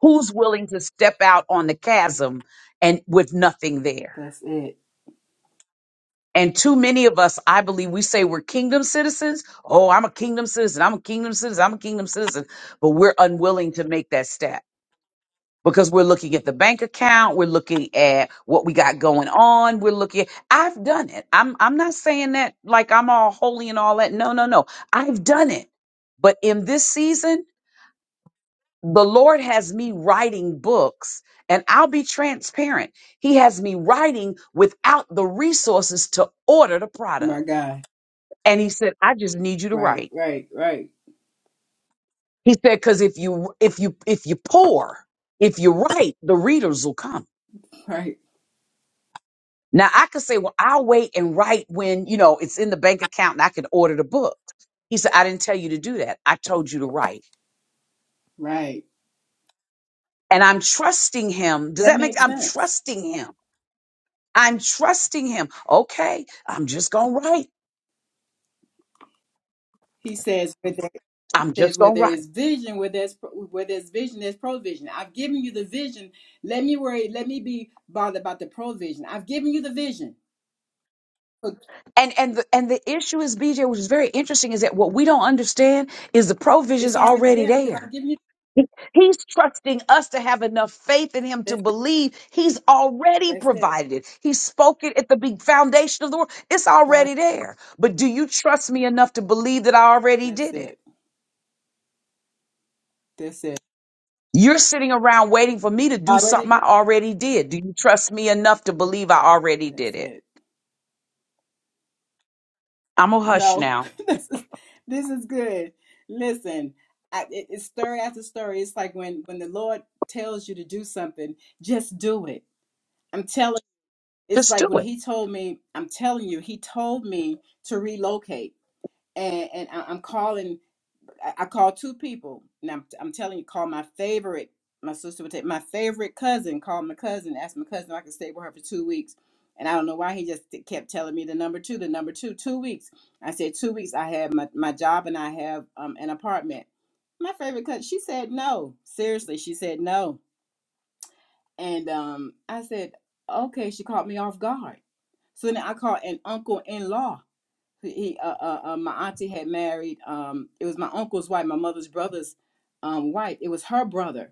Speaker 7: Who's willing to step out on the chasm and with nothing there?
Speaker 1: That's it.
Speaker 7: And too many of us, I believe, we say we're kingdom citizens. Oh, I'm a kingdom citizen. I'm a kingdom citizen. I'm a kingdom citizen. But we're unwilling to make that step because we're looking at the bank account. We're looking at what we got going on. We're looking. I've done it. I'm, I'm not saying that like I'm all holy and all that. No, no, no. I've done it. But in this season, the Lord has me writing books and I'll be transparent. He has me writing without the resources to order the product.
Speaker 1: My God.
Speaker 7: And he said, I just need you to
Speaker 1: Right,
Speaker 7: write.
Speaker 1: right, right,
Speaker 7: He said, because if you if you if you pour, if you write, the readers will come.
Speaker 1: right,
Speaker 7: Now I could say, well, I'll wait and write when, you know, it's in the bank account and I can order the book. He said, I didn't tell you to do that. I told you to write.
Speaker 1: right.
Speaker 7: And I'm trusting him. Does
Speaker 1: That
Speaker 7: that make
Speaker 1: makes
Speaker 7: I'm
Speaker 1: sense.
Speaker 7: trusting him. I'm trusting him. Okay, I'm just gonna write.
Speaker 1: He says, where there, he
Speaker 7: I'm
Speaker 1: says,
Speaker 7: just
Speaker 1: where
Speaker 7: gonna
Speaker 1: there
Speaker 7: write.
Speaker 1: is vision, where there's pro- where there's vision, there's provision. I've given you the vision. Let me worry. Let me be bothered about the provision. I've given you the vision. Look,
Speaker 7: And and the and the issue is, BJ, which is very interesting, is that what we don't understand is the provision's
Speaker 1: It's already
Speaker 7: already
Speaker 1: there because
Speaker 7: there
Speaker 1: I've given you.
Speaker 7: He- He's trusting us to have enough faith in him to
Speaker 1: That's it.
Speaker 7: believe he's already
Speaker 1: That's it.
Speaker 7: provided it. He spoke it at the big foundation of the world. It's
Speaker 1: Sorry.
Speaker 7: already there. But do you trust me enough to believe that I already
Speaker 1: That's
Speaker 7: did it?
Speaker 1: it. That's it.
Speaker 7: You're sitting around waiting for me to do
Speaker 1: Already
Speaker 7: something
Speaker 1: done.
Speaker 7: I already did. Do you trust me enough to believe I already
Speaker 1: That's
Speaker 7: did it?
Speaker 1: it.
Speaker 7: I'm a hush
Speaker 1: No,
Speaker 7: now.
Speaker 1: this is this is good. Listen, I, it, it's story after story. It's like when when the Lord tells you to do something, just do it. I'm telling. It's
Speaker 7: Just
Speaker 1: like
Speaker 7: do
Speaker 1: when
Speaker 7: it.
Speaker 1: He told me. I'm telling you, He told me to relocate, and and I, I'm calling. I, I called two people, and I'm I'm telling you, call my favorite. My sister would take my favorite cousin. Called my cousin, asked my cousin if I could stay with her for two weeks, and I don't know why he just kept telling me the number two, the number two, two weeks. I said two weeks. I have my my job and I have um an apartment. My favorite cousin. She said no. Seriously, she said no, and um I said okay. She caught me off guard. So then I called an uncle in law he uh, uh, uh, my auntie had married um it was my uncle's wife my mother's brother's um wife it was her brother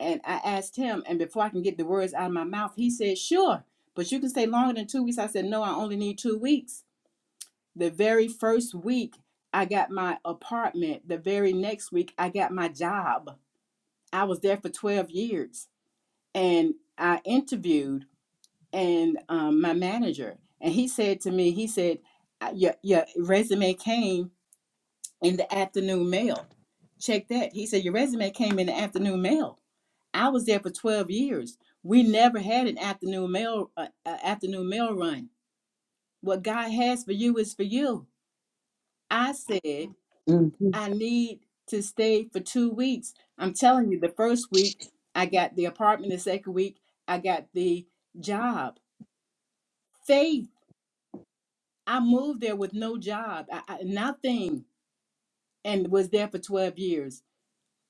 Speaker 1: and i asked him and before i can get the words out of my mouth he said sure but you can stay longer than two weeks i said no i only need two weeks the very first week i got my apartment the very next week i got my job i was there for 12 years and i interviewed and um, my manager and he said to me he said "Uh, your, your resume came in the afternoon mail. Check that. He said, Your resume came in the afternoon mail. I was there for 12 years. We never had an afternoon mail uh, uh, afternoon mail run. What God has for you is for you. I said,
Speaker 7: Mm-hmm.
Speaker 1: I need to stay for two weeks. I'm telling you, the first week I got the apartment, the second week I got the job. Faith. I moved there with no job, I, I, nothing, and was there for 12 years.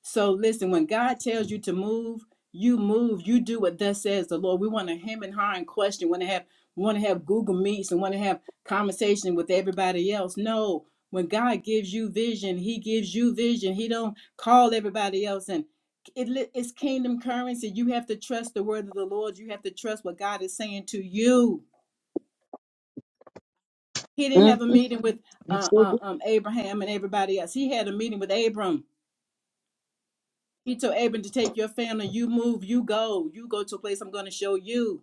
Speaker 1: So listen, when God tells you to move, you move. You do what thus says the Lord. We want to hem and haw and question. Want to have want to have Google meets and want to have conversation with everybody else. No, when God gives you vision, He gives you vision. He don't call everybody else and. It, li- it's kingdom currency. You have to trust the word of the Lord. You have to trust what God is saying to you. He didn't have a
Speaker 7: Mm-hmm.
Speaker 1: meeting with
Speaker 7: You
Speaker 1: uh,
Speaker 7: sure
Speaker 1: uh,
Speaker 7: do.
Speaker 1: um, Abraham and everybody else. He had a meeting with Abram He told Abram to take your family. You move, you go. You go to a place I'm going to show you.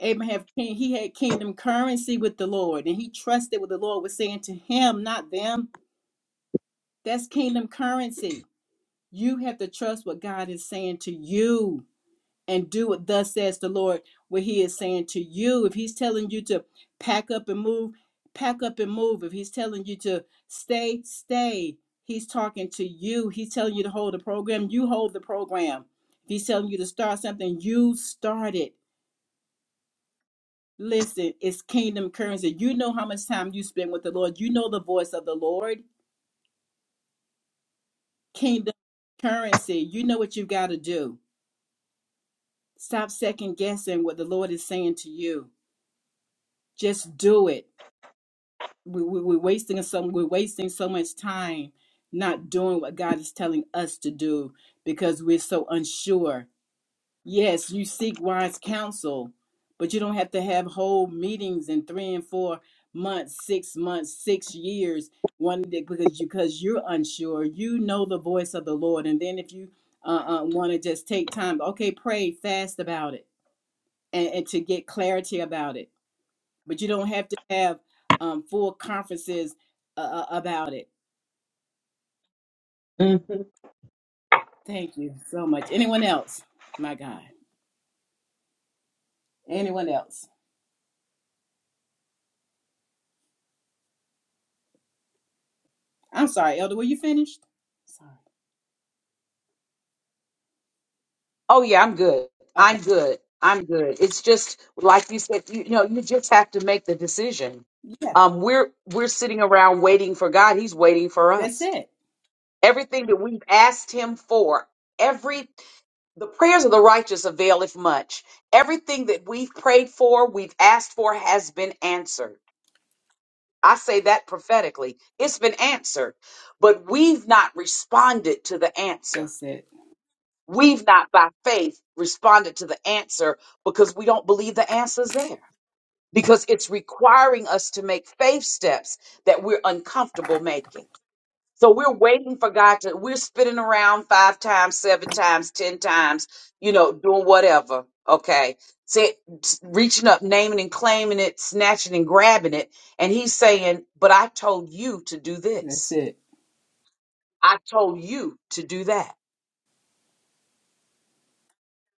Speaker 1: Abram have he had kingdom currency with the Lord, and he trusted what the Lord was saying to him, not them. That's kingdom currency. You have to trust what God is saying to you and do what thus says the Lord, what he is saying to you. If he's telling you to pack up and move, pack up and move. If he's telling you to stay, stay. He's talking to you. He's telling you to hold the program. You hold the program. If he's telling you to start something, you start it. Listen, it's kingdom currency. You know how much time you spend with the Lord. You know the voice of the Lord. Kingdom currency. You know what you've got to do. Stop second guessing what the Lord is saying to you. Just do it we, we, we're wasting some we're wasting so much time not doing what God is telling us to do because we're so unsure. Yes, you seek wise counsel, but you don't have to have whole meetings in three and four months, six months, six years. One day because you because you're unsure, you know the voice of the Lord, and then if you uh, uh, want to just take time, okay, pray, fast about it, and, and to get clarity about it but you don't have to have um, full conferences uh, uh, about it.
Speaker 7: Mm-hmm.
Speaker 1: Thank you so much. Anyone else? My God. Anyone else? I'm sorry, Elder. Were you finished? Sorry.
Speaker 7: Oh yeah, I'm good.
Speaker 1: Okay.
Speaker 7: I'm good. I'm good. It's just like you said. You, you know, you just have to make the decision.
Speaker 1: Yeah.
Speaker 7: Um, we're we're sitting around waiting for God. He's waiting for
Speaker 1: That's
Speaker 7: us.
Speaker 1: it.
Speaker 7: Everything that we've asked Him for, every the prayers of the righteous availeth much. Everything that we've prayed for, we've asked for, has been answered. I say that prophetically. It's been answered, but we've not responded to the answer
Speaker 1: That's it.
Speaker 7: We've not by faith responded to the answer because we don't believe the answer's there. Because it's requiring us to make faith steps that we're uncomfortable making. So we're waiting for God to, we're spinning around five times, seven times, ten times, you know, doing whatever. Okay. Say, reaching up, naming and claiming it, snatching and grabbing it. And he's saying, but I told you to do
Speaker 1: That's
Speaker 7: this.
Speaker 1: it.
Speaker 7: I told you to do that.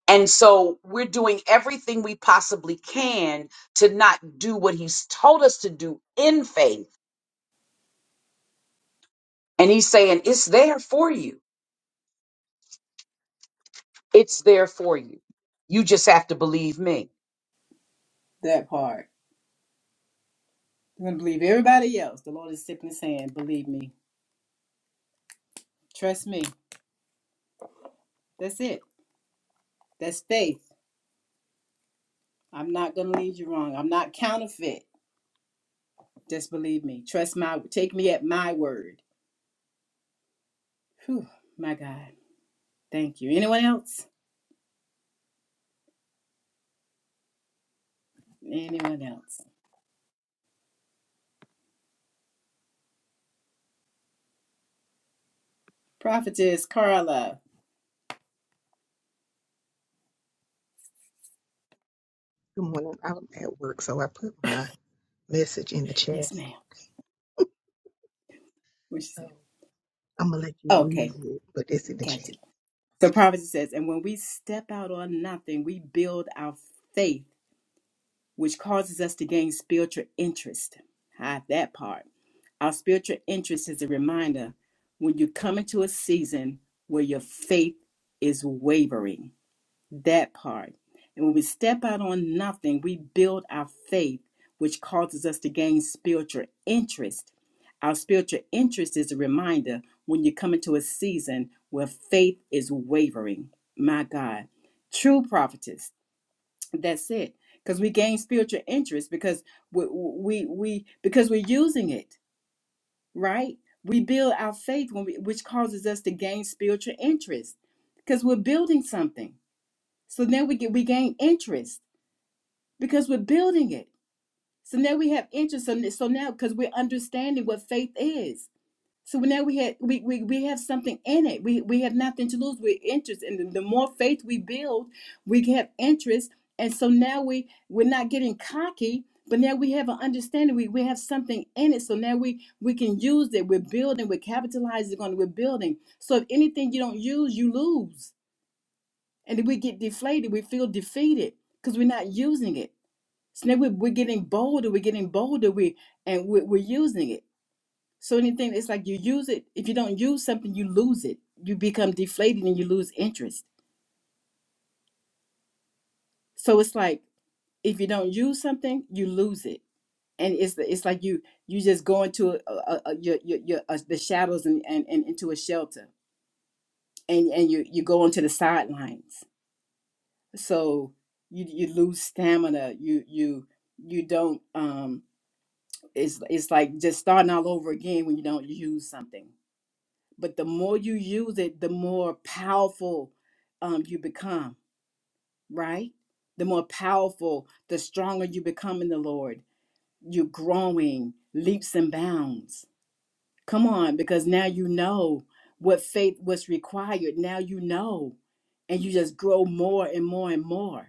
Speaker 7: And so we're doing everything we possibly can to not do what he's told us to do in faith. And he's saying, it's there for you. It's there for you. You just have to believe me.
Speaker 1: That part. I'm gonna believe everybody else. The Lord is sipping his hand. Believe me. Trust me. That's it. That's faith. I'm not gonna lead you wrong. I'm not counterfeit. Just believe me. Trust my. Take me at my word. Whew. My God. Thank you. Anyone else? Anyone else? Prophetess Carla.
Speaker 8: Good morning. I'm at work, so I put my message in the chat.
Speaker 1: Yes, ma'am. What she
Speaker 8: So
Speaker 1: said?
Speaker 8: I'm gonna let you
Speaker 1: Okay,
Speaker 8: read it, but it's in the chat.
Speaker 1: gotcha. So prophetess says, and when we step out on nothing, we build our faith, which causes us to gain spiritual interest. Hide that part. Our spiritual interest is a reminder when you come into a season where your faith is wavering. That part. And when we step out on nothing, we build our faith, which causes us to gain spiritual interest. Our spiritual interest is a reminder when you come into a season where faith is wavering. My God. True prophetess. That's it. Because we gain spiritual interest because we, we we because we're using it, right? We build our faith when we, which causes us to gain spiritual interest because we're building something. So now we get we gain interest because we're building it. So now we have interest. So, n- so now because we're understanding what faith is. So now we had we, we we have something in it. We we have nothing to lose. We're interested. And the the more faith we build, we have interest. And so now we we're not getting cocky, but now we have an understanding. We we have something in it. So now we we can use it. We're building. We're capitalizing on. it. We're building. So if anything you don't use, you lose and then we get deflated. We feel defeated because we're not using it. So now we're, we're getting bolder. We're getting bolder. We and we're, we're using it. So anything, it's like you use it. If you don't use something, you lose it. You become deflated and you lose interest. So it's like if you don't use something, you lose it. And it's it's like you you just go into a, a, a, your your, your uh, the shadows and, and and into a shelter, and and you you go onto the sidelines so you you lose stamina you you you don't um it's it's like just starting all over again when you don't use something but the more you use it the more powerful um you become right the more powerful the stronger you become in the lord you're growing leaps and bounds come on because now you know what faith was required now you know and you just grow more and more and more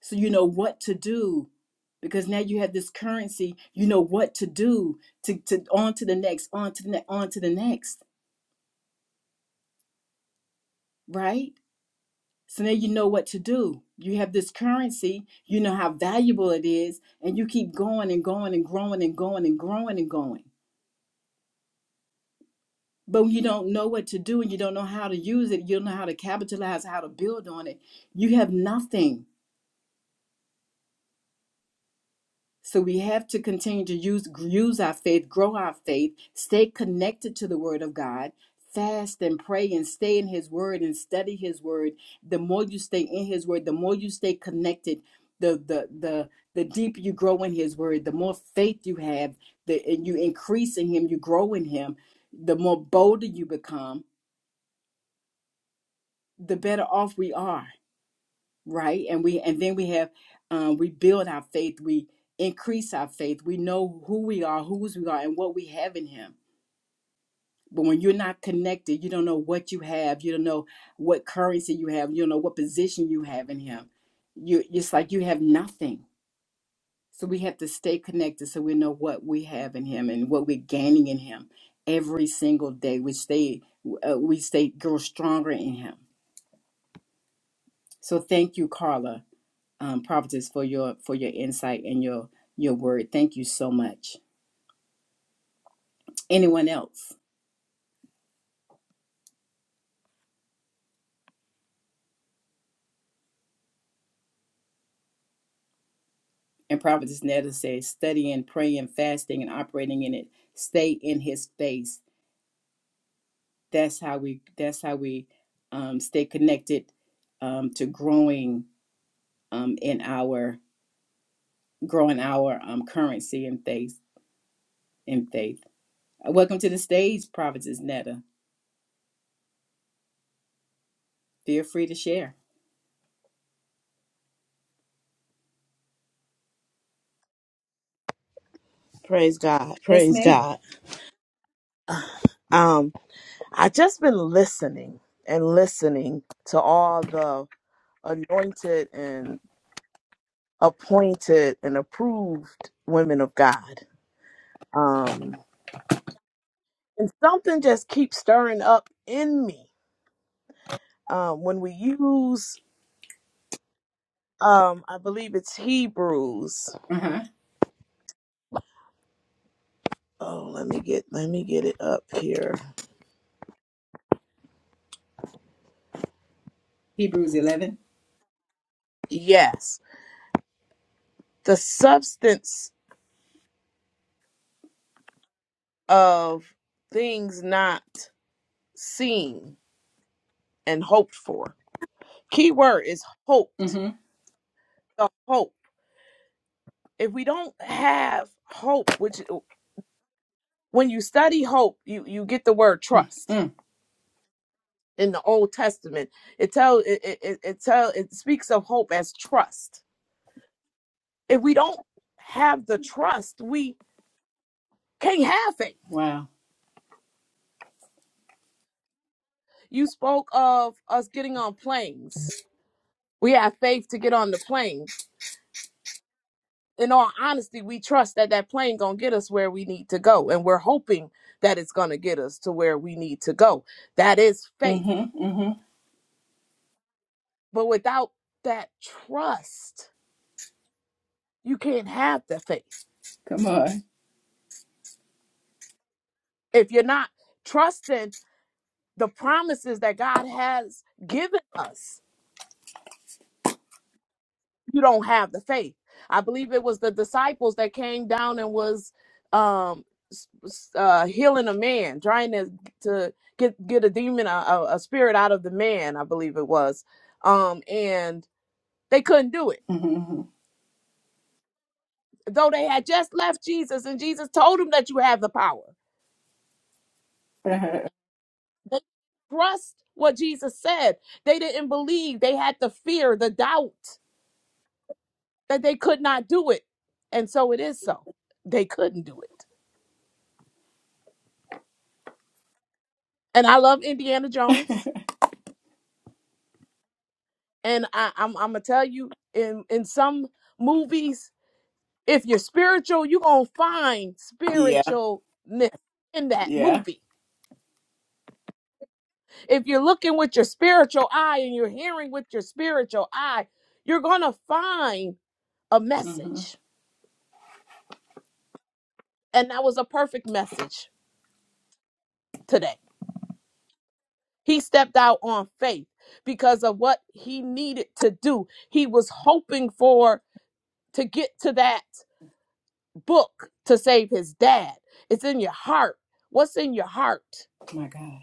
Speaker 1: so you know what to do because now you have this currency you know what to do to, to on to the next on to the next on to the next right so now you know what to do you have this currency you know how valuable it is and you keep going and going and growing and going and growing and going but when you don't know what to do and you don't know how to use it you don't know how to capitalize how to build on it you have nothing So we have to continue to use use our faith, grow our faith, stay connected to the Word of God, fast and pray and stay in His Word and study His Word. The more you stay in His Word, the more you stay connected. The the the the deeper you grow in His Word, the more faith you have. The and you increase in Him, you grow in Him. The more bolder you become, the better off we are right and we and then we have um, we build our faith we increase our faith we know who we are whose we are and what we have in him but when you're not connected you don't know what you have you don't know what currency you have you don't know what position you have in him you it's like you have nothing so we have to stay connected so we know what we have in him and what we're gaining in him every single day we stay uh, we stay grow stronger in him so thank you carla um, prophetess for your for your insight and your your word. Thank you so much. Anyone else? And prophetess Netta says, studying, praying, fasting, and operating in it. Stay in His face. That's how we. That's how we um, stay connected um, to growing um, in our growing our um, currency in faith. In faith. Uh, Welcome to the stage, prophetess Netta. Feel free to share.
Speaker 9: Praise God.
Speaker 1: Yes,
Speaker 9: Praise
Speaker 1: ma'am.
Speaker 9: God. Um, I just been listening and listening to all the anointed and appointed and approved women of God. Um, and something just keeps stirring up in me. Um, when we use um, I believe it's Hebrews.
Speaker 1: Uh huh.
Speaker 9: Oh, let me get let me get it up here.
Speaker 1: Hebrews 11.
Speaker 9: Yes. The substance of things not seen and hoped for. Key word is hoped.
Speaker 1: Mm-hmm.
Speaker 9: The hope. If we don't have hope, which uh, when you study hope, you you get the word trust
Speaker 1: Mm.
Speaker 9: in the Old Testament. It tell it it, it it tell it speaks of hope as trust. If we don't have the trust, we can't have faith.
Speaker 1: Wow.
Speaker 9: You spoke of us getting on planes. We have faith to get on the plane in all honesty, we trust that that plane gonna get us where we need to go, and we're hoping that it's gonna get us to where we need to go. That is faith,
Speaker 1: Mm-hmm. Mm-hmm.
Speaker 9: but without that trust, you can't have the faith.
Speaker 1: Come on.
Speaker 9: If you're not trusting the promises that God has given us, you don't have the faith. I believe it was the disciples that came down and was um s- s- uh healing a man, trying to to get get a demon a, a a spirit out of the man, I believe it was. Um and they couldn't do it.
Speaker 1: Mhm.
Speaker 9: Though they had just left Jesus and Jesus told them that you have the power. They trust what Jesus said. They didn't believe. They had the fear, the doubt that they could not do it. And so it is so. They couldn't do it. and I love Indiana Jones. And I, I'm I'm gonna tell you, in in some movies, if you're spiritual, you're gonna find
Speaker 1: yeah,
Speaker 9: spiritualness in that
Speaker 1: yeah.
Speaker 9: movie. If you're looking with your spiritual eye and you're hearing with your spiritual eye, you're gonna find a
Speaker 1: hmm
Speaker 9: message. And that was a perfect message today. He stepped out on faith because of what he needed to do. He was hoping for to get to that book to save his dad. It's in your heart. What's in your heart?
Speaker 1: My God.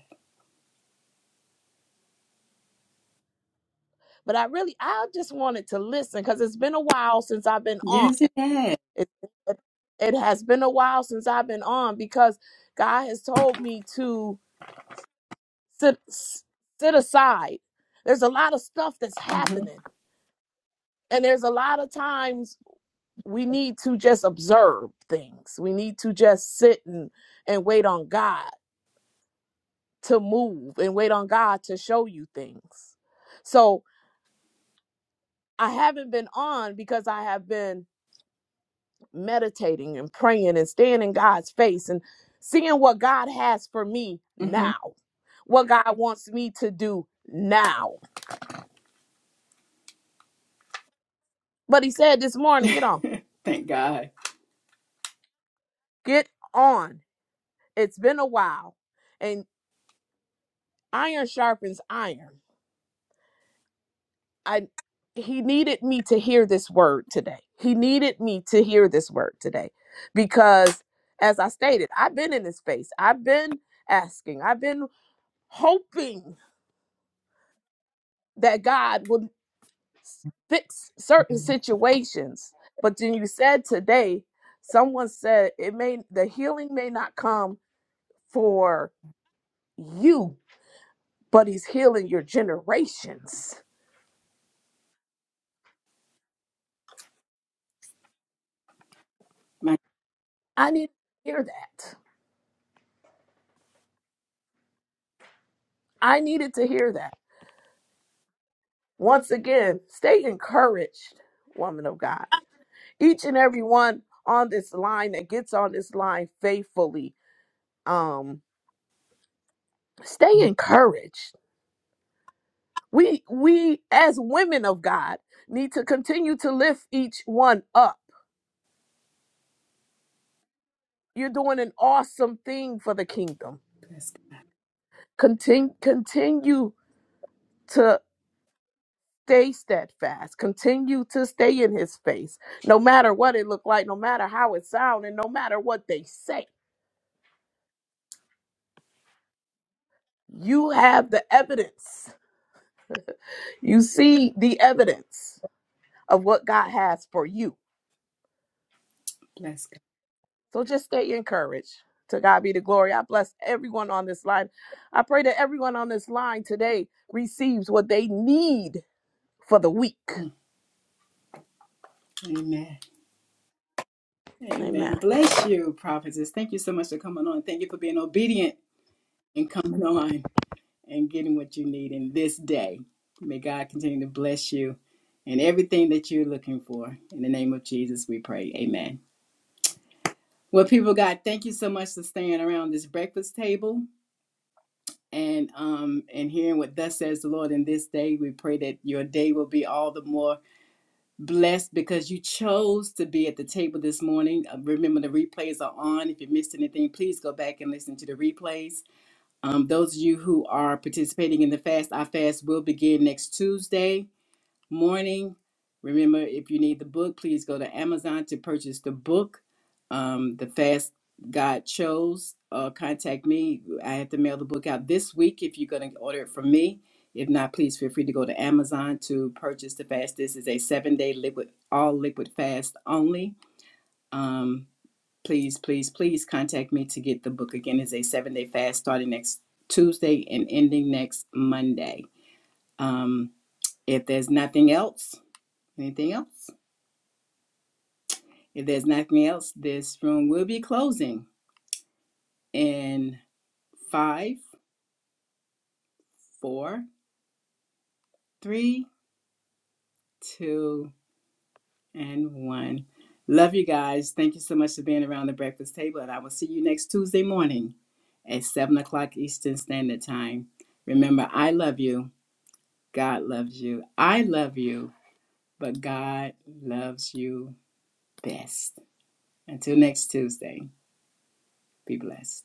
Speaker 9: But I really, I just wanted to listen because it's been a while since I've been on.
Speaker 1: Yes, it has.
Speaker 9: It, it, it has been a while since I've been on because God has told me to sit, sit aside. There's a lot of stuff that's
Speaker 1: Mm-hmm.
Speaker 9: happening, and there's a lot of times we need to just observe things. We need to just sit and, and wait on God. to move and wait on God to show you things. So I haven't been on because I have been meditating and praying and staying in God's face and seeing what God has for me
Speaker 1: hmm
Speaker 9: now, what God wants me to do now. But He said this morning, get on,
Speaker 1: Thank God.
Speaker 9: get on. It's been a while. And iron sharpens iron. I he needed me to hear this word today. He needed me to hear this word today because as I stated, I've been in this space. I've been asking. I've been hoping that God would s- fix certain situations. But then you said today, someone said it may the healing may not come for you, but he's healing your generations.
Speaker 1: My
Speaker 9: I need to hear that. I needed to hear that Once again, stay encouraged, woman of God. Each and every one on this line that gets on this line faithfully, um, stay encouraged. We we as women of God need to continue to lift each one up. You're doing an awesome thing for the kingdom.
Speaker 1: bless God.
Speaker 9: Continue continue to stay steadfast. Continue to stay in his face. No matter what it looked like, no matter how it sounded, no matter what they say You have the evidence. You see the evidence of what God has for you.
Speaker 1: Bless God.
Speaker 9: So just stay encouraged. To God be the glory. I bless everyone on this line. I pray that everyone on this line today receives what they need for the week.
Speaker 1: Mm. Amen. Amen.
Speaker 9: Amen.
Speaker 1: Bless you, prophetess. Thank you so much for coming on. Thank you for being obedient and coming on and getting what you need in this day. May God continue to bless you and everything that you're looking for. In the name of Jesus, we pray. Amen. Well, people, of God, thank you so much for staying around this breakfast table. and um and hearing what thus says the Lord in this day. We pray that your day will be all the more blessed because you chose to be at the table this morning. Uh, remember the replays are on. If you missed anything, please go back and listen to the replays. Um, those of you who are participating in the fast, our fast will begin next Tuesday morning. Remember, if you need the book, please go to Amazon to purchase the book, um, The Fast God Chose. Uh, contact me. I have to mail the book out this week if you're going to order it from me. If not, please feel free to go to Amazon to purchase the fast. This is a seven day liquid, all liquid fast only. Um, please, please, please contact me to get the book. Again, it's a seven day fast starting next Tuesday and ending next Monday. Um, if there's nothing else, Anything else? If there's nothing else, this room will be closing in five, four, three, two, and one. Love you guys. Thank you so much for being around the breakfast table, and I will see you next Tuesday morning at seven o'clock Eastern Standard Time. Remember, I love you. God loves you. I love you, but God loves you best. Until next Tuesday, be blessed.